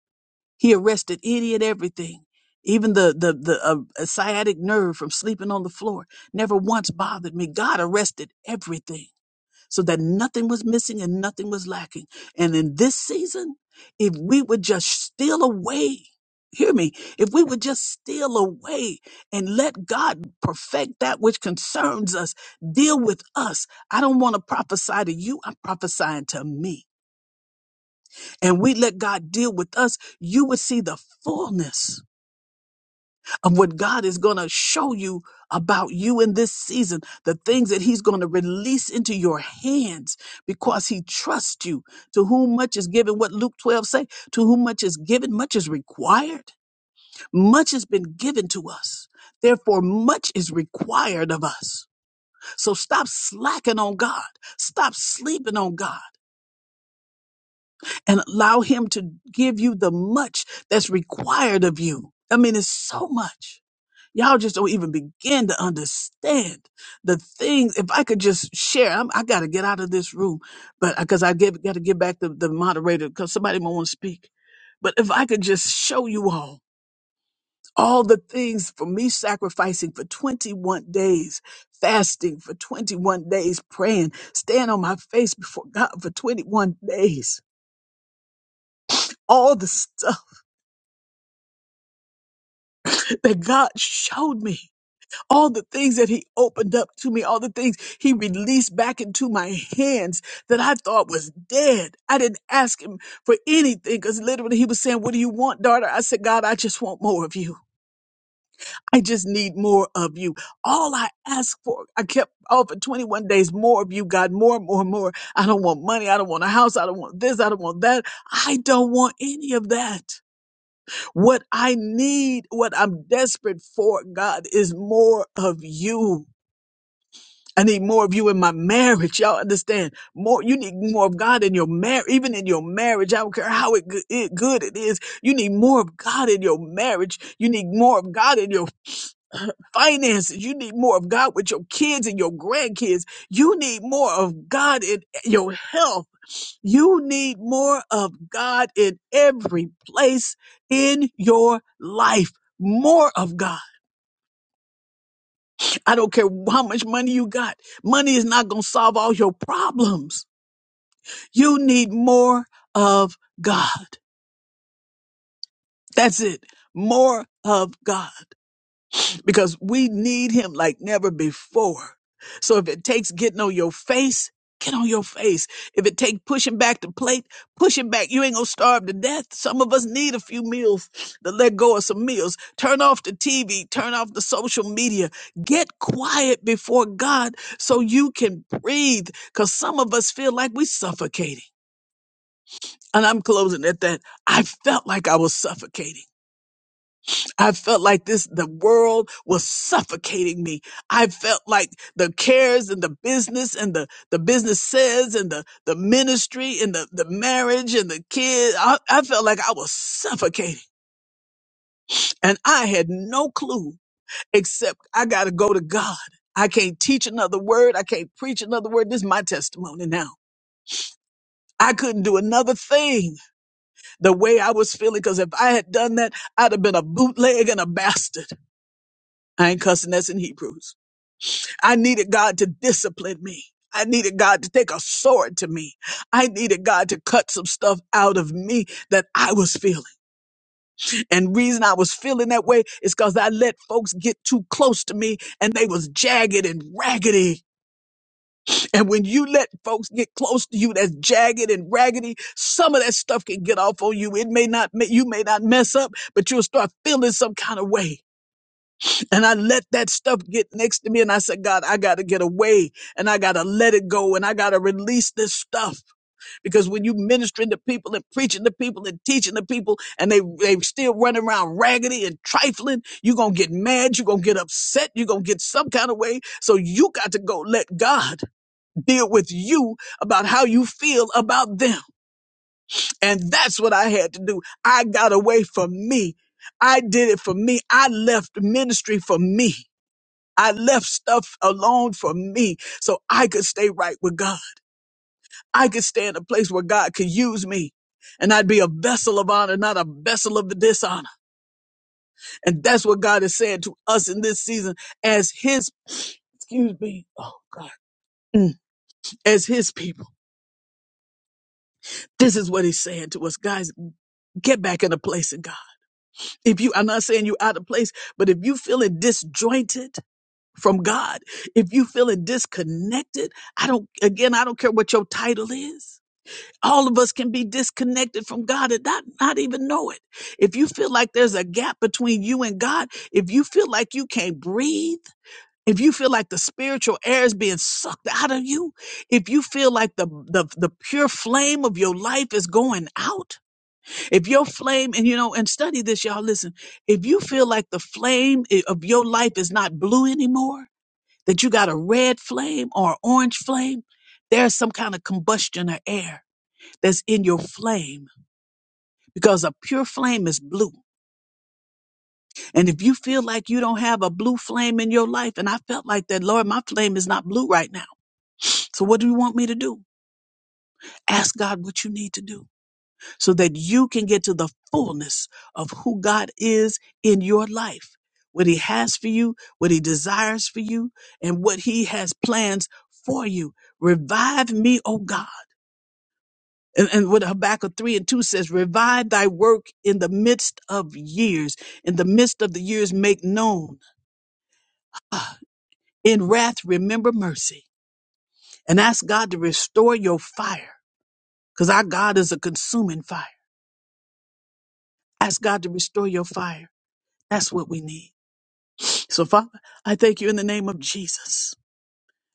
S2: He arrested any and everything, even the the the uh, uh, sciatic nerve from sleeping on the floor. Never once bothered me. God arrested everything so that nothing was missing and nothing was lacking. And in this season, if we would just steal away. Hear me. If we would just steal away and let God perfect that which concerns us, deal with us. I don't want to prophesy to you. I'm prophesying to me. And we let God deal with us. You would see the fullness of what God is going to show you about you in this season, the things that He's going to release into your hands because He trusts you. To whom much is given, what Luke 12 say, to whom much is given, much is required. Much has been given to us. Therefore, much is required of us. So stop slacking on God. Stop sleeping on God and allow Him to give you the much that's required of you. I mean, it's so much. Y'all just don't even begin to understand the things. If I could just share, I'm, I got to get out of this room, but because I get, got to get back to the moderator because somebody might want to speak. But if I could just show you all all the things for me sacrificing for 21 days, fasting for 21 days, praying, staying on my face before God for 21 days, all the stuff that God showed me. all the things that he opened up to me, all the things he released back into my hands that I thought was dead. I didn't ask him for anything because literally he was saying, What do you want, daughter? I said, God, I just want more of you. I just need more of you. All I asked for, I kept all for 21 days, more of you, God, more, more, more. I don't want money. I don't want a house. I don't want this. I don't want that. I don't want any of that. What I need, what I'm desperate for, God, is more of you I need more of you in my marriage. Y'all understand? More, you need more of God in your marriage, even in your marriage. I don't care how it, go- it good it is. You need more of God in your marriage. You need more of God in your finances. You need more of God with your kids and your grandkids. You need more of God in your health. You need more of God in every place in your life. More of God. I don't care how much money you got. Money is not going to solve all your problems You need more of God. That's it. More of God because we need him like never before. So if it takes getting on your face, get on your face. If it takes pushing back the plate, push it back. You ain't gonna starve to death. Some of us need a few meals to let go of some meals. Turn off the TV, turn off the social media. Get quiet before God so you can breathe because some of us feel like we suffocating. and I'm closing at that. I felt like I was suffocating. I felt like this, the world was suffocating me. I felt like the cares and the business and the, the businesses and the, the ministry and the, the marriage and the kids. I, I felt like I was suffocating and I had no clue except I got to go to God. I can't teach another word. I can't preach another word. This is my testimony now. I couldn't do another thing the way I was feeling. Because if I had done that, I'd have been a bootleg and a bastard. I ain't cussing that's in Hebrews. I needed God to discipline me. I needed God to take a sword to me. I needed God to cut some stuff out of me that I was feeling. And reason I was feeling that way is because I let folks get too close to me and they was jagged and raggedy And when you let folks get close to you that's jagged and raggedy, some of that stuff can get off on you. It may not, ma- you may not mess up, but you'll start feeling some kind of way. And I let that stuff get next to me. And I said, God, I got to get away and I got to let it go and I got to release this stuff. Because when you ministering to people and preaching to people and teaching to people and they, they still running around raggedy and trifling, you're going to get mad. You're going to get upset. You're going to get some kind of way. So you got to go let God deal with you about how you feel about them. And that's what I had to do. I got away from me. I did it for me. I left ministry for me. I left stuff alone for me so I could stay right with God. I could stay in a place where God could use me and I'd be a vessel of honor, not a vessel of dishonor. And that's what God is saying to us in this season as his, excuse me. Oh God. Mm. As his people, this is what he's saying to us, guys. Get back in the place of God. If you, I'm not saying you're out of place, but if you feeling disjointed from God, if you feeling disconnected, I don't, again, I don't care what your title is. All of us can be disconnected from God and not, not even know it. If you feel like there's a gap between you and God, if you feel like you can't breathe, if you feel like the spiritual air is being sucked out of you, if you feel like the, the, the pure flame of your life is going out, if your flame, and you know, and study this, y'all, listen, if you feel like the flame i- of your life is not blue anymore, that you got a red flame or an orange flame, there's some kind of combustion or air that's in your flame because a pure flame is blue. And if you feel like you don't have a blue flame in your life, and I felt like that, Lord, my flame is not blue right now. So what do you want me to do? Ask God what you need to do. so that you can get to the fullness of who God is in your life, what He has for you, what He desires for you, and what He has plans for you. Revive me, O God. And, and what Habakkuk 3 and 2 says, revive thy work in the midst of years. In the midst of the years, make known. Ah, In wrath, remember mercy. And ask God to restore your fire, because our God is a consuming fire. Ask God to restore your fire. That's what we need. So, Father, I thank you in the name of Jesus.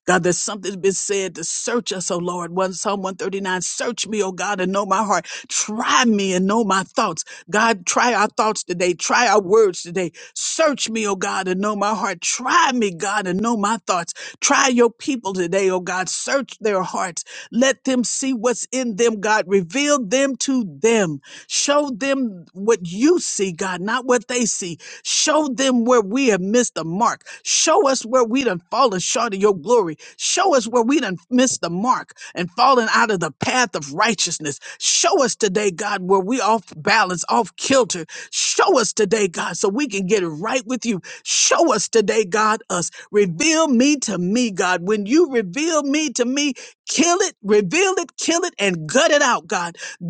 S2: God, there's something's been said to search us, O Lord. One Psalm 139, search me, O God, and know my heart. Try me and know my thoughts. God, try our thoughts today. Try our words today. Search me, O God, and know my heart. Try me, God, and know my thoughts. Try your people today, O God. Search their hearts. Let them see what's in them, God. Reveal them to them. Show them what you see, God, not what they see. Show them where we have missed the mark. Show us where we done fallen short of your glory. Show us where we done missed the mark and fallen out of the path of righteousness. Show us today, God, where we off balance, off kilter. Show us today, God, so we can get it right with you. Show us today, God, us. Reveal me to me, God. When you reveal me to me, kill it, reveal it, kill it, and gut it out, God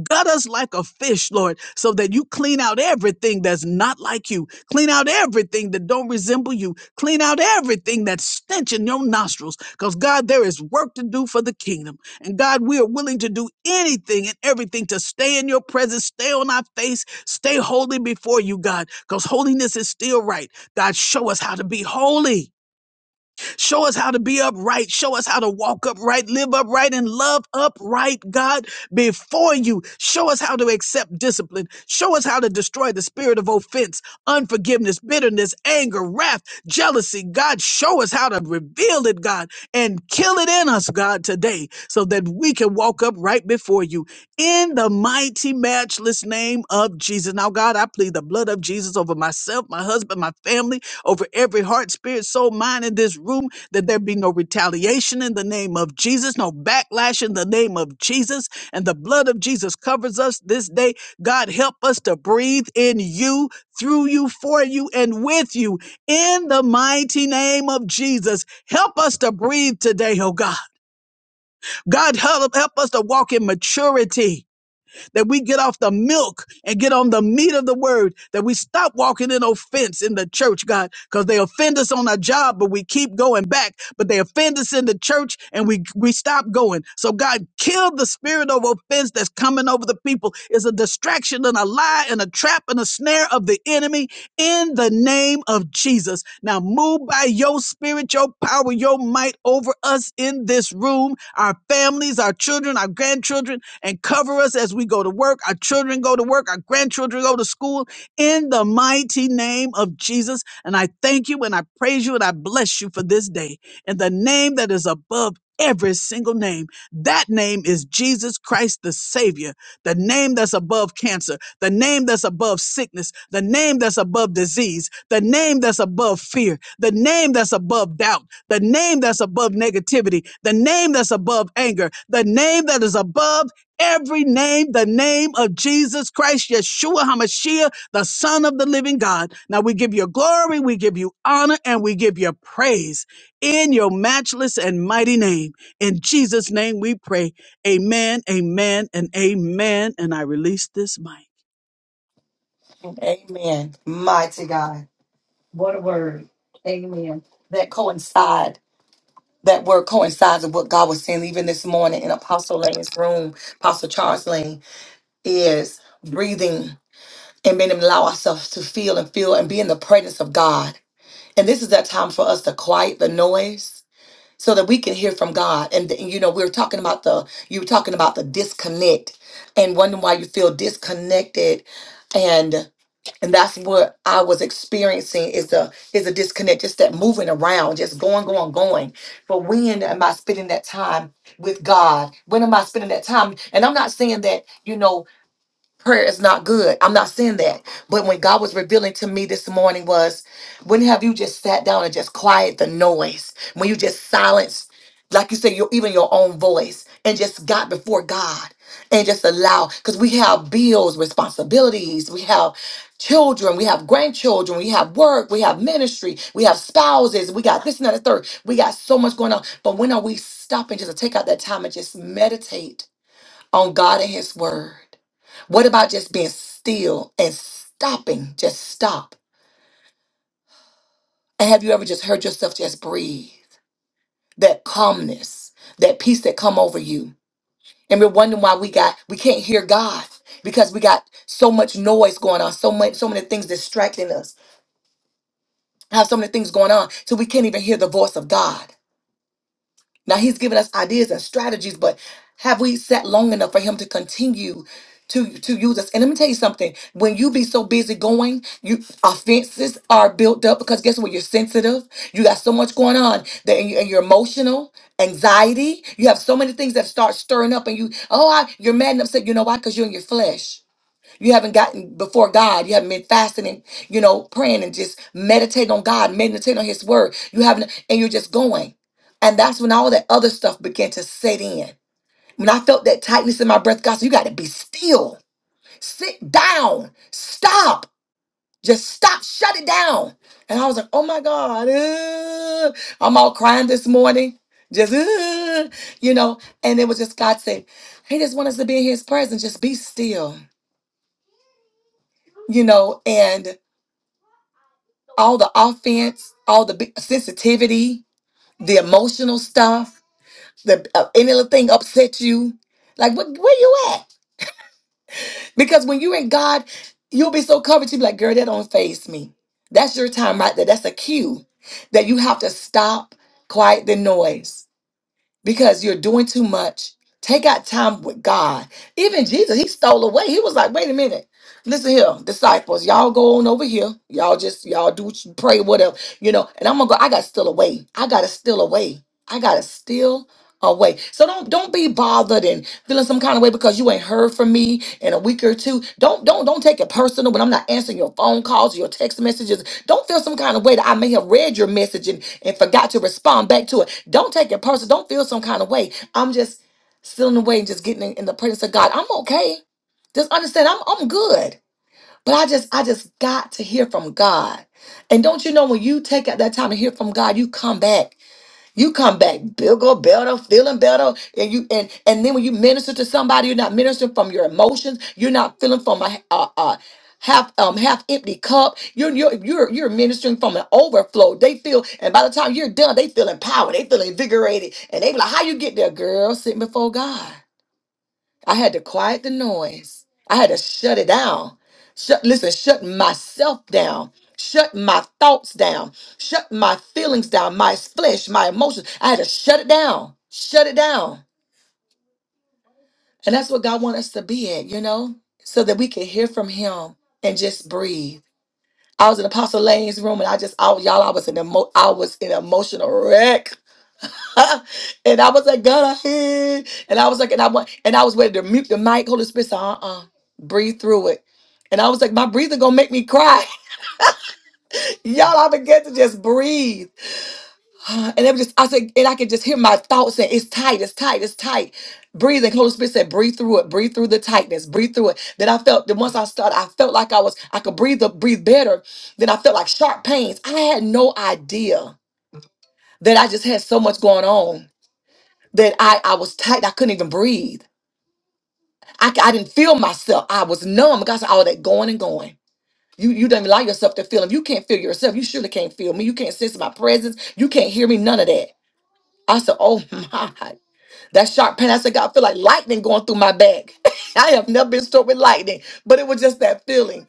S2: Gut us like a fish, Lord, so that you clean out everything that's not like you. Clean out everything that don't resemble you. Clean out everything that's stench in your nostrils. Because God, there is work to do for the kingdom. And God, we are willing to do anything and everything to stay in your presence, stay on our face, stay holy before you, God. Because holiness is still right. God, show us how to be holy. Show us how to be upright. Show us how to walk upright, live upright, and love upright, God, before you. Show us how to accept discipline. Show us how to destroy the spirit of offense, unforgiveness, bitterness, anger, wrath, jealousy. God, show us how to reveal it, God, and kill it in us, God, today, so that we can walk up right before you in the mighty, matchless name of Jesus. Now, God, I plead the blood of Jesus over myself, my husband, my family over every heart, spirit, soul, mind in this room, that there be no retaliation in the name of Jesus, no backlash in the name of Jesus. And the blood of Jesus covers us this day. God, help us to breathe in you, through you, for you, and with you in the mighty name of Jesus. Help us to breathe today, oh God. God, help, help us to walk in maturity that we get off the milk and get on the meat of the word, that we stop walking in offense in the church, God, because they offend us on our job, but we keep going back, but they offend us in the church and we, we stop going. So God, kill the spirit of offense that's coming over the people It's a distraction and a lie and a trap and a snare of the enemy in the name of Jesus. Now move by your spirit, your power, your might over us in this room, our families, our children, our grandchildren, and cover us as we go to work, our children go to work, our grandchildren go to school in the mighty name of Jesus. And I thank you and I praise you and I bless you for this day in the name that is above every single name. That name is Jesus Christ, the Savior, the name that's above cancer, the name that's above sickness, the name that's above disease, the name that's above fear, the name that's above doubt, the name that's above negativity, the name that's above anger, the name that is above every name, the name of Jesus Christ, Yeshua HaMashiach, the Son of the living God. Now we give you glory, we give you honor, and we give you praise in your matchless and mighty name. In Jesus' name we pray. Amen, amen, and amen. And I release this mic.
S1: Amen. Mighty God. Amen. That coincide. that word coincides with what God was saying even this morning in Apostle Lane's room, Apostle Charles Lane, is breathing and making them allow ourselves to feel and feel and be in the presence of God. And this is that time for us to quiet the noise so that we can hear from God. And, and, you know, we were talking about the you were talking about the disconnect and wondering why you feel disconnected and that's what I was experiencing is a is a disconnect, just that moving around, just going, going, going. But when am I spending that time with God? When am I spending that time? And I'm not saying that you know prayer is not good. I'm not saying that. But when God was revealing to me this morning was when have you just sat down and just quiet the noise? When you just silence, like you say, your even your own voice and just got before God and just allow because we have bills, responsibilities, we have children, we have grandchildren, we have work, we have ministry, we have spouses, we got this and that and third. We got so much going on. But when are we stopping just to take out that time and just meditate? on God and His Word? What about just being still and stopping? Just stop. And have you ever just heard yourself just breathe? That calmness, that peace that come over you. And we're wondering why we got we can't hear God because we got so much noise going on, so much, so many things distracting us. Have so many things going on, so we can't even hear the voice of God. Now he's given us ideas and strategies, but have we sat long enough for him to continue to to use us? And let me tell you something: when you be so busy going, you offenses are built up because guess what? You're sensitive. You got so much going on that and, you, and you're emotional, anxiety. You have so many things that start stirring up, and you oh, I, you're mad and upset. You know why? Because you're in your flesh. You haven't gotten before God. You haven't been fasting and, you know, praying and just meditating on God, meditating on His Word. You haven't, and you're just going. And that's when all that other stuff began to set in. When I felt that tightness in my breath, God said, You got to be still. Sit down. Stop. Just stop. Shut it down. And I was like, Oh my God. uh, I'm all crying this morning. Just, uh, you know, and it was just God saying, He just wants us to be in His presence. Just be still, you know, and all the offense, all the big- sensitivity, the emotional stuff, the uh, any little thing upsets you. Like, what, where you at? Because when you're in God, you'll be so covered. You'll be like, girl, that don't phase me. That's your time right there. That's a cue that you have to stop, quiet the noise because you're doing too much. Take out time with God. Even Jesus, he stole away. He was like, wait a minute. Listen here, disciples, y'all go on over here. Y'all just, y'all do what you- pray, whatever, you know. And I'm gonna go, I gotta steal away. I gotta steal away. I gotta steal away. So don't don't be bothered and feeling some kind of way because you ain't heard from me in a week or two. Don't don't don't take it personal when I'm not answering your phone calls or your text messages. Don't feel some kind of way that I may have read your message and, and forgot to respond back to it. Don't take it personal. Don't feel some kind of way. I'm just stealing away and just getting in, in the presence of God. I'm okay. Just understand I'm I'm good. But I just I just got to hear from God. And don't you know when you take out that time to hear from God, you come back you come back bigger, better, feeling better, and you and and then when you minister to somebody, you're not ministering from your emotions. You're not feeling from a, a, a half um half empty cup. You're you're you're you're ministering from an overflow. They feel, and by the time you're done, they feel empowered. They feel invigorated, and they be like, "How you get there, girl? Sitting before God." I had to quiet the noise. I had to shut it down. Shut, listen, shut myself down. Shut my thoughts down. Shut my feelings down. My flesh, my emotions. I had to shut it down. Shut it down. And that's what God wants us to be at, you know, so that we can hear from Him and just breathe. I was in Apostle Lane's room, and I just, I, y'all, I was in emo- I was in an emotional wreck and I was like, God, I hear. And I was like, and I went, and I was ready to mute the mic. Holy Spirit said, uh-uh, breathe through it. And I was like, my breathing gonna make me cry. Y'all, I began to just breathe. And it was just, I said, and I could just hear my thoughts saying, it's tight, it's tight, it's tight. Breathing. Holy Spirit said, breathe through it, breathe through the tightness, breathe through it. Then I felt, then once I started, I felt like I was, I could breathe, the breathe better. Then I felt like sharp pains. I had no idea that I just had so much going on that I, I was tight. I couldn't even breathe. I, c- I didn't feel myself. I was numb. God said, all that going and going. You you don't allow yourself to feel. him. you can't feel yourself, you surely can't feel me. You can't sense my presence. You can't hear me. None of that. I said, oh my, that sharp pain. I said, God, I feel like lightning going through my back. I have never been struck with lightning, but it was just that feeling.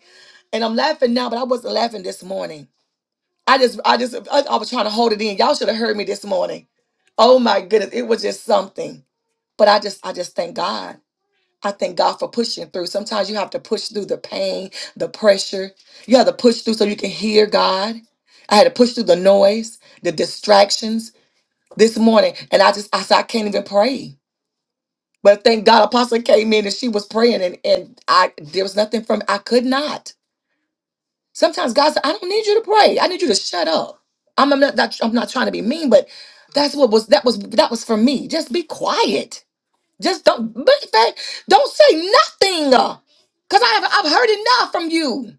S1: And I'm laughing now, but I wasn't laughing this morning. I just, I just, I, I was trying to hold it in. Y'all should have heard me this morning. Oh my goodness, it was just something. But I just, I just thank God. I thank God for pushing through. Sometimes you have to push through the pain, the pressure. You have to push through so you can hear God. I had to push through the noise, the distractions this morning. And I just, I said, I can't even pray. But thank God, Apostle came in and she was praying, and, and I there was nothing from I could not. Sometimes God said, I don't need you to pray. I need you to shut up. I'm, I'm not, not- I'm not trying to be mean, but that's me. Just be quiet. Just in fact, don't say nothing. uh, Cause I have I've heard enough from you.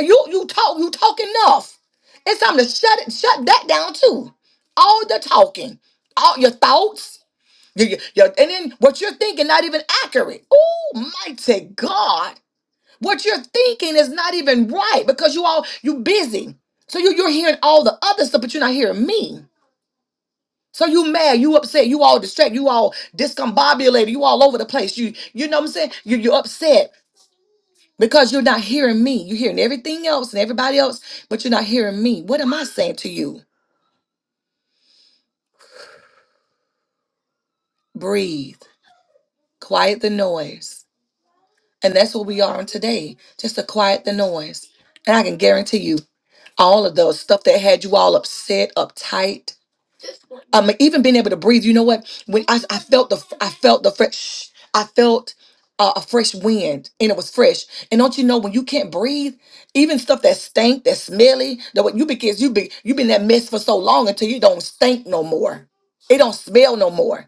S1: You you talk you talk enough. It's time to shut it shut that down too. All the talking, all your thoughts, your, your, your- and then what you're thinking not even accurate. Oh mighty God, what you're thinking is not even right because you all you busy. So you you're hearing all the other stuff, but you're not hearing me. So you mad, you upset, you all distracted, you all discombobulated, you all over the place. You you know what I'm saying? You you upset because you're not hearing me. You're hearing everything else and everybody else, but you're not hearing me. What am I saying to you? Breathe, quiet the noise. And that's what we are on today, just to quiet the noise. And I can guarantee you, all of the stuff that had you all upset, uptight, um, even being able to breathe. You know what? When I, I felt the I felt the fresh I felt uh, a fresh wind and it was fresh. And don't you know when you can't breathe, even stuff that stank, that smelly, that what you because you be you been that mess for so long until you don't stink no more. It don't smell no more.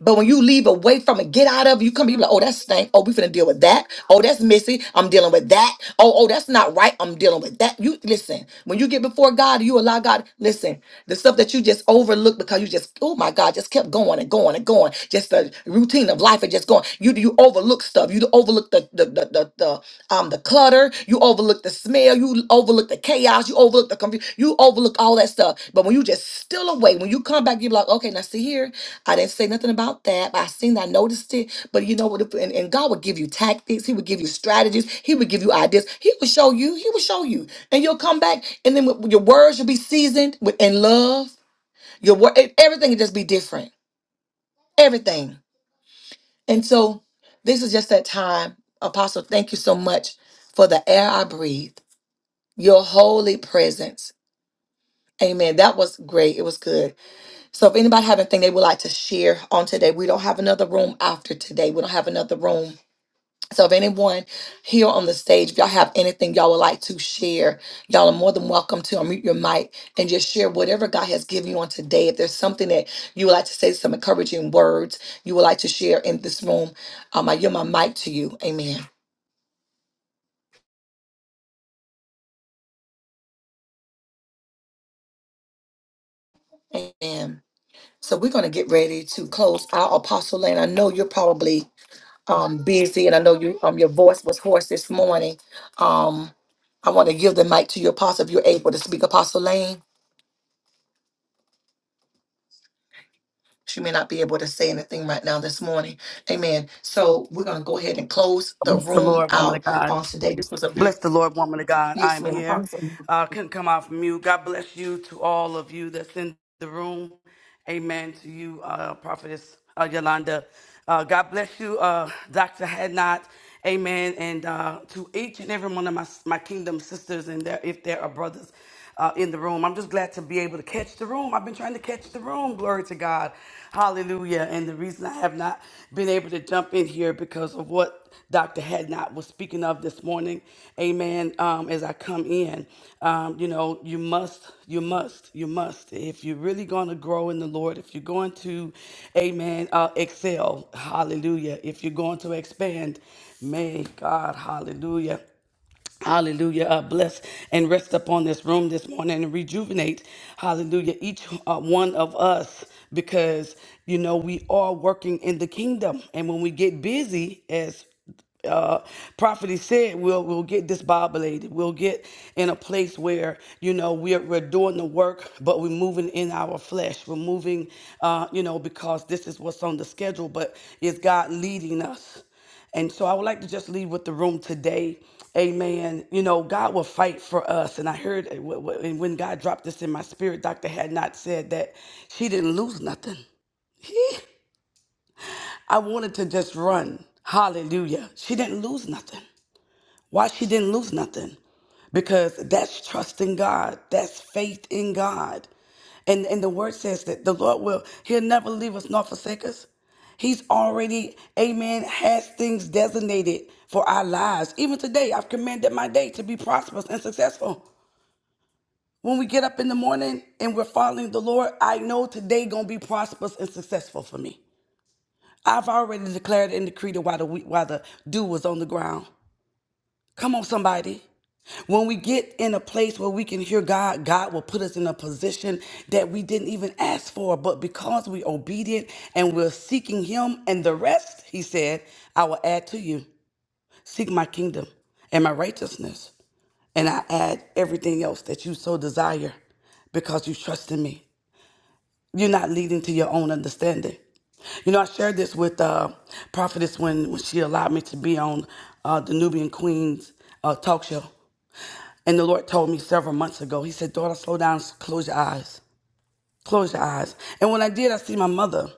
S1: But when you leave away from it, get out of it, you come, you be like, oh, that stank. Oh, we finna deal with that. Oh, that's messy. I'm dealing with that. Oh, oh, that's not right. I'm dealing with that. You listen, when you get before God, you allow God, listen the stuff that you just overlooked because you just oh my god just kept going and going and going just the routine of life and just going you you overlook stuff you overlook the the the, the, the um the clutter you overlook the smell you overlook the chaos you overlook the confusion you overlook all that stuff but when you just still away when you come back you're like okay now see here i didn't say nothing about that but i seen i noticed it but you know what if- and, and god would give you tactics he would give you strategies he would give you ideas he would show you he would show you and you'll come back and then with- your words will be seasoned with in love your word everything will just be different everything and so this is just that time apostle thank you so much for the air i breathe your holy presence amen that was great it was good so if anybody have anything they would like to share on today we don't have another room after today we don't have another room So if anyone here on the stage, if y'all have anything y'all would like to share, y'all are more than welcome to unmute your mic and just share whatever God has given you on today. If there's something that you would like to say, some encouraging words you would like to share in this room, um, I yield my mic to you. Amen. Amen. So we're going to get ready to close out Apostle Lane. I know you're probably um, busy and I know you um, your voice was hoarse this morning. Um, I want to give the mic to you, Apostle, if you're able to speak, Apostle Lane. She may not be able to say anything right now this morning. Amen. So we're going to go ahead and close the
S3: Bless the
S1: room
S3: Lord, woman
S1: out
S3: of God.
S1: on today. This was a
S3: Bless
S1: beautiful.
S3: the Lord, woman of God.
S1: Yes,
S3: I'm
S1: ma'am.
S3: here.
S1: Awesome.
S3: Uh, couldn't come off from you. God bless you to all of you that's in the room. Amen to you, uh, Prophetess uh, Yolanda. Uh, God bless you, uh, Dr. Hadnot. Amen. And uh, to each and every one of my, my kingdom sisters and their, if there are brothers uh, in the room. I'm just glad to be able to catch the room. I've been trying to catch the room. Glory to God. Hallelujah. And the reason I have not been able to jump in here because of what Dr. Hadnot was speaking of this morning. Amen. Um, as I come in, um, you know, you must, you must, you must. If you're really going to grow in the Lord, if you're going to, amen, uh, excel, hallelujah. If you're going to expand, may God, hallelujah. Hallelujah. Uh, bless and rest upon this room this morning and rejuvenate, hallelujah, each uh, one of us because, you know, we are working in the kingdom. And when we get busy, as uh, prophet said, we'll, we'll get disbobulated. We'll get in a place where, you know, we're, we're doing the work, but we're moving in our flesh. We're moving, uh, you know, because this is what's on the schedule, but is God leading us? And so I would like to just leave with the room today. Amen. You know, God will fight for us. And I heard uh, wh- wh- and when God dropped this in my spirit, Dr. Had not said that she didn't lose nothing. I wanted to just run. Hallelujah. She didn't lose nothing. Why she didn't lose nothing? Because that's trust in God. That's faith in God. And and the word says that the Lord will, He'll never leave us nor forsake us. He's already, amen, has things designated for our lives. Even today, I've commanded my day to be prosperous and successful. When we get up in the morning and we're following the Lord, I know today gonna be prosperous and successful for me. I've already declared and decreed it while the wheat- while the dew was on the ground. Come on, somebody. When we get in a place where we can hear God, God will put us in a position that we didn't even ask for. But because we're obedient and we're seeking Him and the rest, He said, I will add to you. Seek my kingdom and my righteousness. And I add everything else that you so desire because you trust in me. You're not leading to your own understanding. You know, I shared this with uh, Prophetess when, when she allowed me to be on uh, the Nubian Queens uh, talk show. And the Lord told me several months ago, He said, Daughter, slow down, close your eyes. Close your eyes. And when I did, I see my mother.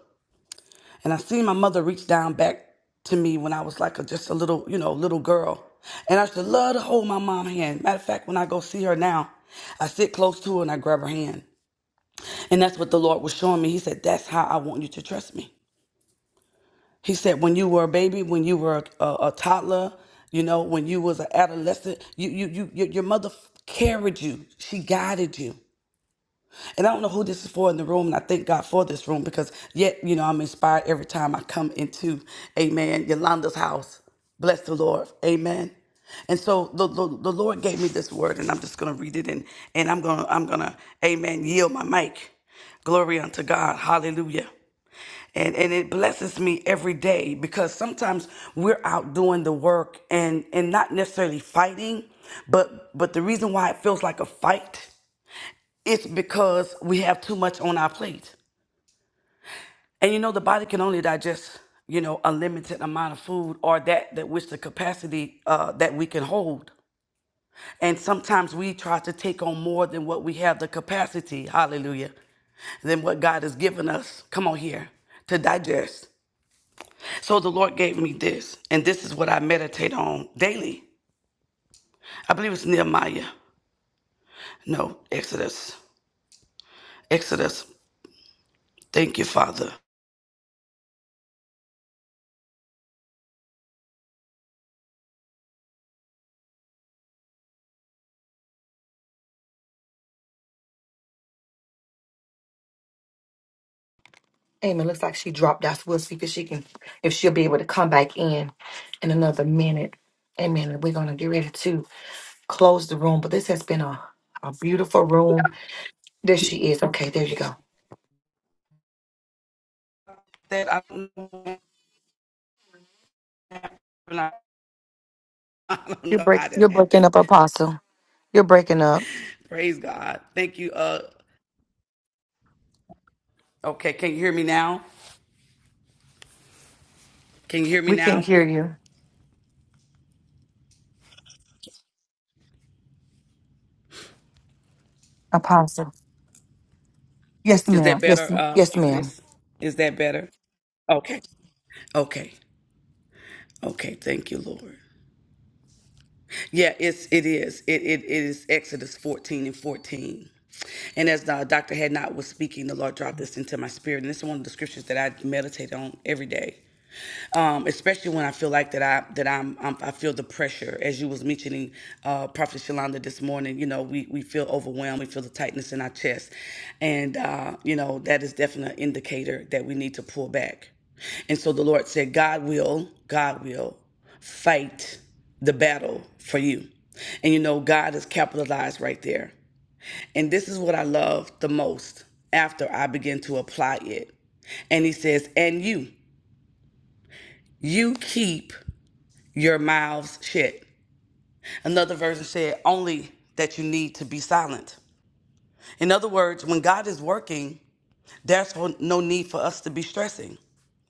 S3: And I seen my mother reach down back to me when I was like a, just a little, you know, little girl. And I should love to hold my mom's hand. Matter of fact, when I go see her now, I sit close to her and I grab her hand. And that's what the Lord was showing me. He said, That's how I want you to trust me. He said, when you were a baby, when you were a, a, a toddler, you know, when you was an adolescent, you, you, you, your, your mother carried you. She guided you. and I don't know who this is for in the room, and I thank God for this room because yet, you know, I'm inspired every time I come into, amen, Yolanda's house. Bless the Lord. Amen. And so the, the, the Lord gave me this word, and I'm just gonna read it and and I'm gonna I'm gonna, amen, yield my mic. Glory unto God. Hallelujah. And and it blesses me every day because sometimes we're out doing the work and and not necessarily fighting, but but the reason why it feels like a fight it's because we have too much on our plate. And you know, the body can only digest, you know, a limited amount of food or that that which the capacity uh, that we can hold. And sometimes we try to take on more than what we have the capacity, hallelujah, than what God has given us. Come on here to digest. So the Lord gave me this, and this is what I meditate on daily. I believe it's Nehemiah. No, Exodus. Exodus. Thank you, Father.
S1: Amen. Looks like she dropped out. So We'll see if she can, if she'll be able to come back in in another minute. Amen. We're going to get ready to close the room. But this has been a, a beautiful room. There she is. Okay, there you go.
S3: That I not. I don't
S1: You're
S3: know
S1: break.
S3: how
S1: You're
S3: that
S1: breaking
S3: happened.
S1: up, Apostle. You're breaking up.
S3: Praise God. Thank you. Uh, okay, can you hear me now? Can you hear me
S1: We can't
S3: now?
S1: hear you, Apostle. Yes,
S3: Is
S1: ma'am.
S3: that better,
S1: Yes,
S3: uh,
S1: yes, ma'am.
S3: prophetess? Is that better? Okay, okay, okay. Thank you, Lord. Yeah, it's it is. It it, it is Exodus fourteen and fourteen. And as uh, Dr. Hadnot was speaking, the Lord dropped this into my spirit. And this is one of the scriptures that I meditate on every day. um, especially when I feel like that I that I'm, I'm I feel the pressure as you was mentioning uh, Prophet Shalonda, this morning. You know, we we feel overwhelmed, we feel the tightness in our chest, and uh, you know that is definitely an indicator that we need to pull back. And so the Lord said, God will, God will fight the battle for you. And you know, God is capitalized right there. And this is what I love the most after I begin to apply it. And he says, and you, you keep your mouths shut. Another version said, only that you need to be silent. In other words, when God is working, there's no need for us to be stressing.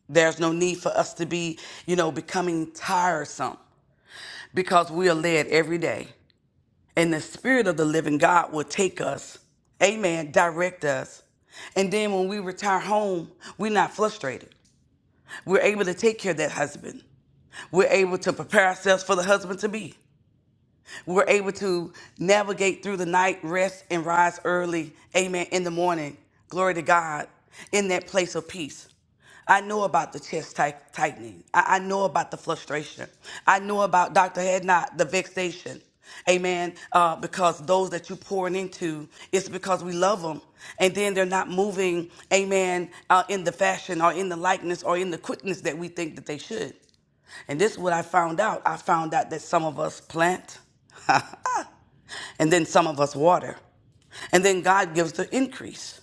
S3: There's no need for us to be, you know, becoming tiresome because we are led every day. And the Spirit of the living God will take us, amen, direct us. And then when we retire home, we're not frustrated. We're able to take care of that husband. We're able to prepare ourselves for the husband to be. We We're able to navigate through the night, rest, and rise early. Amen. In the morning. Glory to God. In that place of peace. I know about the chest tight- tightening. I, I know about the frustration. I know about Dr. Hadnot, the vexation. Amen. Uh, because those that you pouring into, it's because we love them. And then they're not moving, amen, uh, in the fashion or in the likeness or in the quickness that we think that they should. And this is what I found out. I found out that some of us plant, and then some of us water. And then God gives the increase.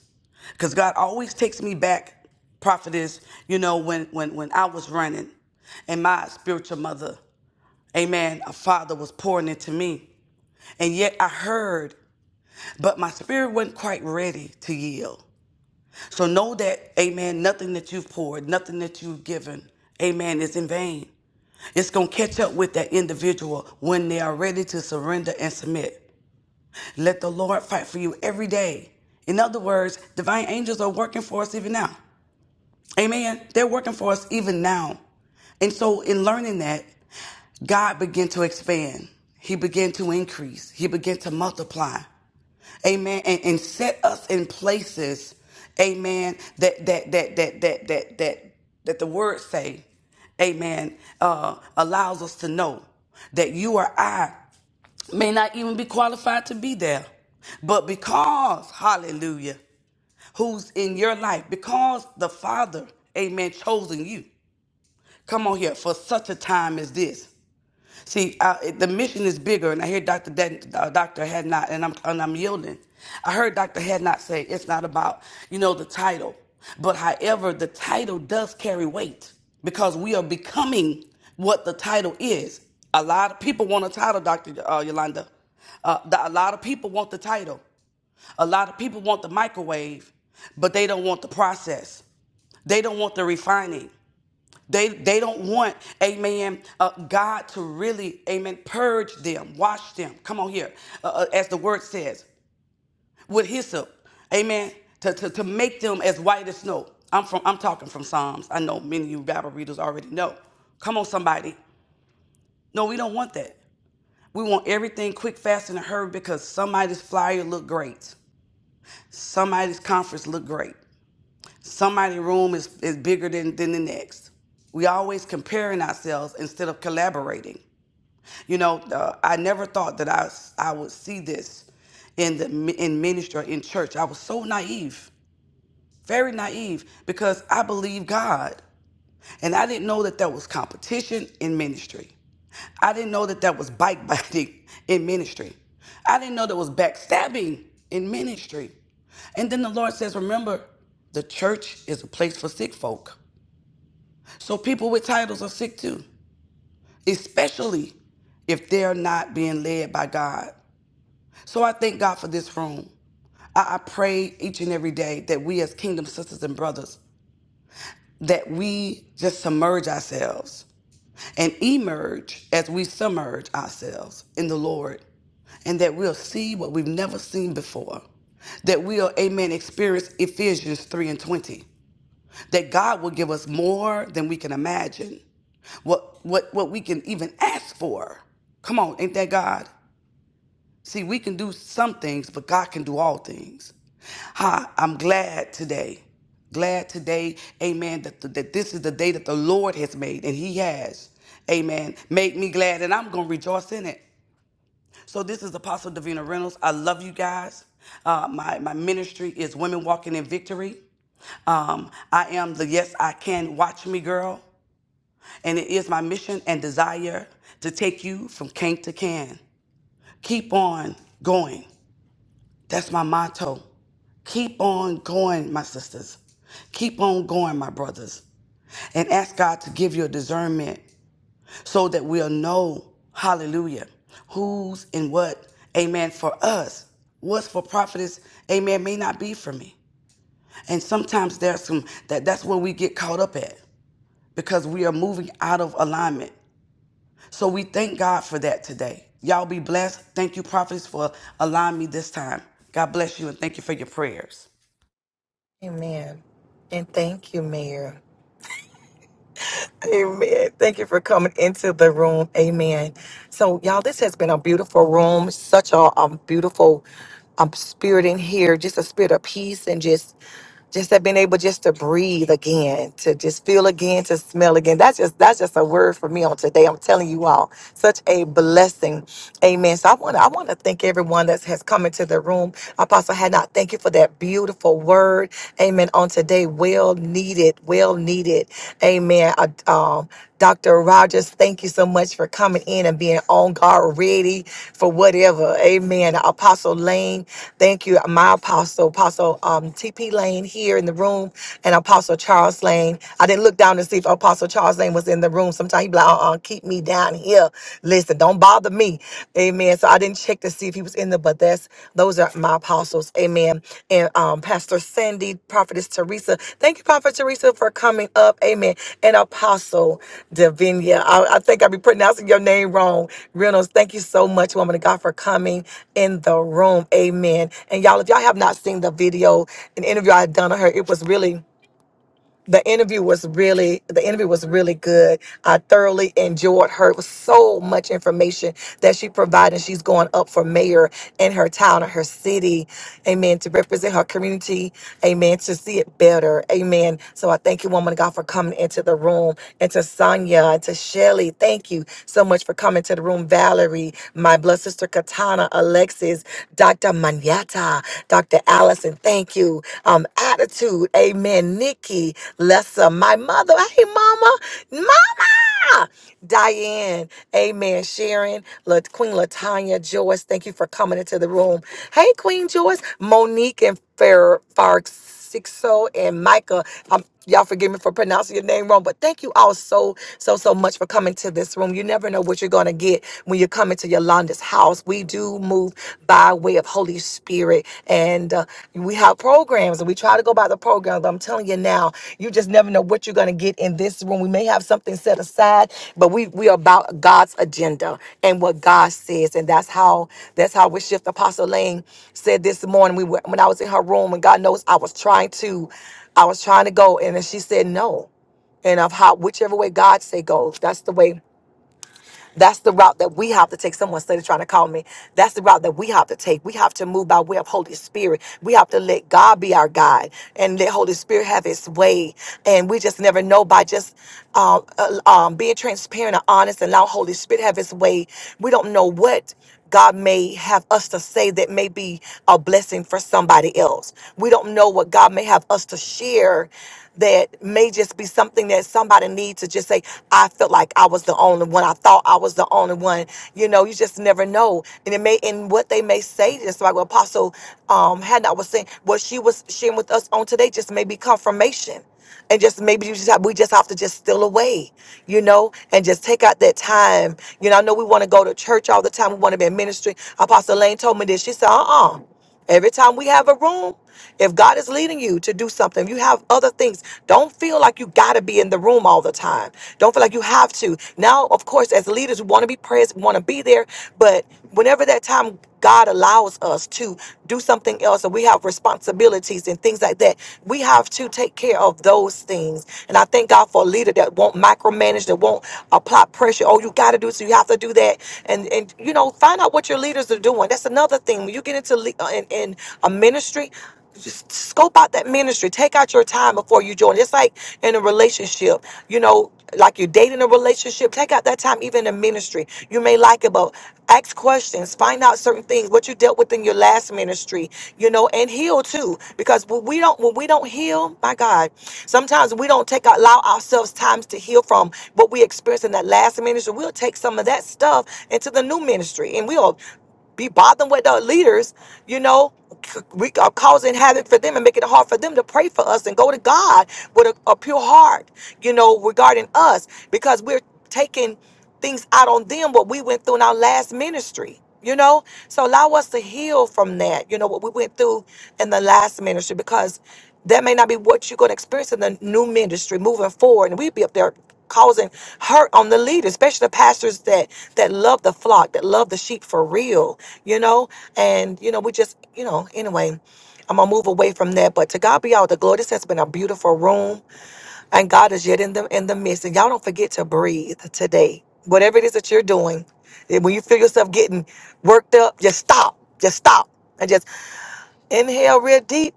S3: Because God always takes me back, prophetess, you know, when, when, when I was running and my spiritual mother, amen, a father was pouring into me. And yet I heard, but my spirit wasn't quite ready to yield. So know that, amen, nothing that you've poured, nothing that you've given, amen, is in vain. It's going to catch up with that individual when they are ready to surrender and submit. Let the Lord fight for you every day. In other words, divine angels are working for us even now. Amen. They're working for us even now. And so, in learning that, God began to expand. He began to increase. He began to multiply amen and, and set us in places amen that that that that that that that that the word say amen uh allows us to know that you or i may not even be qualified to be there but because hallelujah who's in your life because the father amen chosen you come on here for such a time as this See, I, the mission is bigger, and I hear Dr. Den, uh, Dr. Hadnot, and I'm and I'm yielding. I heard Dr. Hadnot say it's not about you know the title, but however, the title does carry weight because we are becoming what the title is. A lot of people want a title, Dr. Uh, Yolanda. Uh, the, a lot of people want the title. A lot of people want the microwave, but they don't want the process. They don't want the refining. They they don't want, amen, uh, God to really, amen, purge them, wash them. Come on here, uh, uh, as the word says, with hyssop, amen, to, to, to make them as white as snow. I'm from I'm talking from Psalms. I know many of you Bible readers already know. Come on, somebody. No, we don't want that. We want everything quick, fast, and a hurry because somebody's flyer look great. Somebody's conference look great. somebody's room is, is bigger than, than the next. We always comparing ourselves instead of collaborating. You know, uh, I never thought that I, s- I would see this in the mi- in ministry or in church. I was so naive, very naive, because I believe God. And I didn't know that there was competition in ministry. I didn't know that there was bike biting in ministry. I didn't know there was backstabbing in ministry. And then the Lord says, Remember, the church is a place for sick folk. So people with titles are sick too, especially if they're not being led by God. So I thank God for this room. I, I pray each and every day that we as kingdom sisters and brothers that we just submerge ourselves and emerge as we submerge ourselves in the Lord, and that we'll see what we've never seen before. That we'll, amen, experience Ephesians 3 and 20. That God will give us more than we can imagine, what, what, what we can even ask for. Come on, ain't that God? See, we can do some things, but God can do all things. Hi, I'm glad today. Glad today, amen, that, that this is the day that the Lord has made, and He has, amen, made me glad, and I'm going to rejoice in it. So, this is Apostle Davina Reynolds. I love you guys. Uh, my, my ministry is Women Walking in Victory. Um, I am the Yes I Can Watch Me Girl, and it is my mission and desire to take you from can to can. Keep on going. That's my motto. Keep on going, my sisters. Keep on going, my brothers. And ask God to give you a discernment so that we'll know, hallelujah, who's and what, amen, for us. What's for prophetess, amen, may not be for me. And sometimes there's some that that's where we get caught up at because we are moving out of alignment. So we thank God for that today. Y'all be blessed. Thank you, prophets, for allowing me this time. God bless you and thank you for your prayers.
S1: Amen. And thank you, Mayor. Amen. Thank you for coming into the room. Amen. So, y'all, this has been a beautiful room. Such a um, beautiful um, spirit in here, just a spirit of peace and just just have been able just to breathe again, to just feel again, to smell again. That's just that's just a word for me on today. I'm telling you all, such a blessing. Amen. So I want to I want to thank everyone that has come into the room. Apostle had thank you for that beautiful word. Amen. On today, well needed, well needed. Amen. Uh, um, Dr. Rogers, thank you so much for coming in and being on guard, ready for whatever. Amen. Apostle Lane, thank you. My apostle, Apostle. um, TP Lane here in the room and Apostle Charles Lane. I didn't look down to see if Apostle Charles Lane was in the room. Sometimes he'd be like, uh-uh, keep me down here. Listen, don't bother me. Amen. So I didn't check to see if he was in there, but that's those are my apostles. Amen. And um, Pastor Sandy, Prophetess Teresa. Thank you, Prophet Teresa, for coming up. Amen. And Apostle. Davinia. I, I think i be pronouncing your name wrong. Reynolds, thank you so much, woman of God, for coming in the room. Amen. And y'all, if y'all have not seen the video, an interview I had done on her, it was really the interview was really the interview was really good. I thoroughly enjoyed her. It was so much information that she provided. She's going up for mayor in her town and her city. Amen. To represent her community. Amen. To see it better. Amen. So I thank you, woman of God, for coming into the room. And to Sonia and to Shelly, thank you so much for coming to the room. Valerie, my blood sister Katana, Alexis, Dr. Manyata, Dr. Allison, thank you. Um, attitude. Amen. Nikki, Lessa, my mother. Hey, mama. Diane, amen. Sharon, La- Queen Latanya, Joyce, thank you for coming into the room. Hey, Queen Joyce, Monique and Fer- Farxixo and Micah. Um, y'all forgive me for pronouncing your name wrong, but thank you all so, so, so much for coming to this room. You never know what you're going to get when you come into Yolanda's house. We do move by way of Holy Spirit spirit. And uh, we have programs and we try to go by the programs. But I'm telling you now, you just never know what you're going to get in this room. We may have something set aside, but we, we are about God's agenda and what God says. And that's how, that's how we shift. Apostle Lane said this morning, we were, when I was in her room and God knows I was trying to, I was trying to go. And then she said, no and of how whichever way God say goes, that's the way that's the route that we have to take. Someone started trying to call me. That's the route that we have to take. We have to move by way of Holy Spirit. We have to let God be our guide and let Holy Spirit have His way. And we just never know by just um, uh, um, being transparent and honest and allow Holy Spirit have His way. We don't know what God may have us to say that may be a blessing for somebody else. We don't know what God may have us to share that may just be something that somebody needs me to just say, I felt like I was the only one. I thought I was the only one. You know, you just never know. And it may and what they may say just like what Apostle um Hannah was saying, what she was sharing with us on today just may be confirmation. And just maybe you just have, we just have to just steal away, you know, and just take out that time. You know, I know we want to go to church all the time. We want to be in ministry. Apostle Lane told me this. She said, uh-uh. Every time we have a room, if God is leading you to do something, you have other things. Don't feel like you got to be in the room all the time. Don't feel like you have to. Now, of course, as leaders, we want to be present, want to be there, but whenever that time God allows us to do something else and we have responsibilities and things like that, we have to take care of those things. And I thank God for a leader that won't micromanage, that won't apply pressure. Oh, you got to do so, you have to do that. And and you know, find out what your leaders are doing. That's another thing. When you get into le- uh, in, in a ministry, just scope out that ministry. Take out your time before you join. It's like in a relationship, you know, like you're dating a relationship. Take out that time, even in ministry. You may like it, but ask questions. Find out certain things. What you dealt with in your last ministry, you know, and heal too. Because when we don't, when we don't heal, my God, sometimes we don't take allow ourselves times to heal from what we experienced in that last ministry. We'll take some of that stuff into the new ministry, and we'll be bothering with the leaders, you know, c- we are causing havoc for them and making it hard for them to pray for us and go to God with a, a pure heart, you know, regarding us because we're taking things out on them what we went through in our last ministry. You know, so allow us to heal from that, you know, what we went through in the last ministry because that may not be what you're going to experience in the new ministry moving forward and we'd be up there causing hurt on the leaders especially the pastors that that love the flock that love the sheep for real you know and you know we just you know anyway i'm gonna move away from that but to god be all the glory this has been a beautiful room and god is yet in the in the midst and y'all don't forget to breathe today whatever it is that you're doing and when you feel yourself getting worked up just stop just stop and just inhale real deep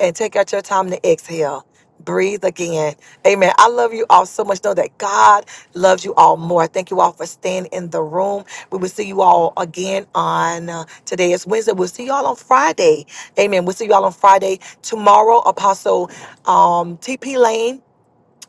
S1: and take out your time to exhale. Breathe again. Amen. I love you all so much. Know that God loves you all more. Thank you all for staying in the room. We will see you all again on uh, today. It's Wednesday. We'll see y'all on Friday. Amen. We'll see y'all on Friday. Tomorrow, Apostle um, TP Lane.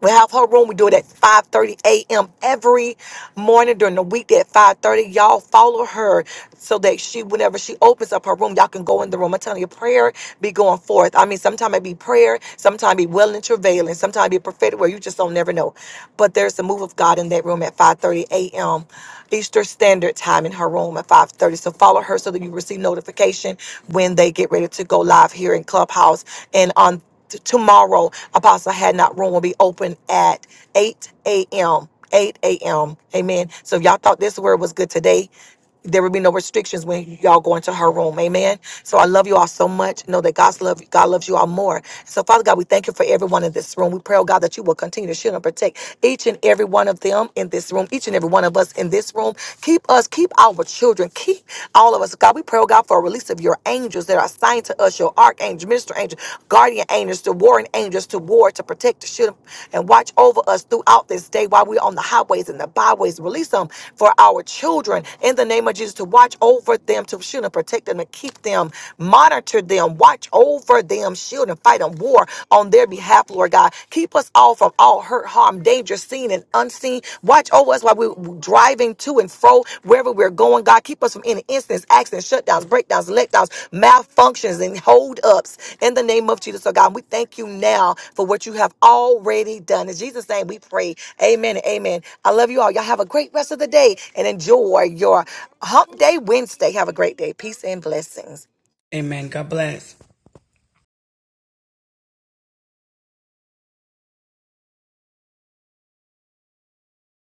S1: We have her room. We do it at 5:30 a.m. every morning during the week at 5:30. Y'all follow her so that she, whenever she opens up her room, y'all can go in the room. I'm telling you, prayer be going forth. I mean, sometimes it be prayer, sometimes be well and travail, and sometimes be prophetic where you just don't never know. But there's the move of God in that room at 5:30 a.m. Eastern Standard Time in her room at 5:30. So follow her so that you receive notification when they get ready to go live here in Clubhouse. And on t- tomorrow, Apostle Had Not Room will be open at 8 a.m. 8 a.m. Amen. So if y'all thought this word was good today there will be no restrictions when y'all go into her room. Amen. So I love you all so much. Know that God's love, God loves you all more. So Father God, we thank you for everyone in this room. We pray, oh God, that you will continue to shield and protect each and every one of them in this room, each and every one of us in this room. Keep us, keep our children, keep all of us. God, we pray, oh God, for a release of your angels that are assigned to us, your archangel, minister angel, guardian angels, the warring angels to war, to protect, to shield, and watch over us throughout this day while we're on the highways and the byways. Release them for our children in the name of Jesus to watch over them, to shield and protect them, to keep them, monitor them, watch over them, shield and fight and war on their behalf, Lord God. Keep us all from all hurt, harm, danger, seen and unseen. Watch told us while we we're driving to and fro, wherever we're going. God, keep us from any incidents, accidents, shutdowns, breakdowns, letdowns, malfunctions, and holdups in the name of Jesus. So, God, we thank you now for what you have already done. In Jesus' name, we pray. Amen and amen. I love you all. Y'all have a great rest of the day and enjoy your hump day Wednesday. Have a great day. Peace and blessings.
S3: Amen. God bless.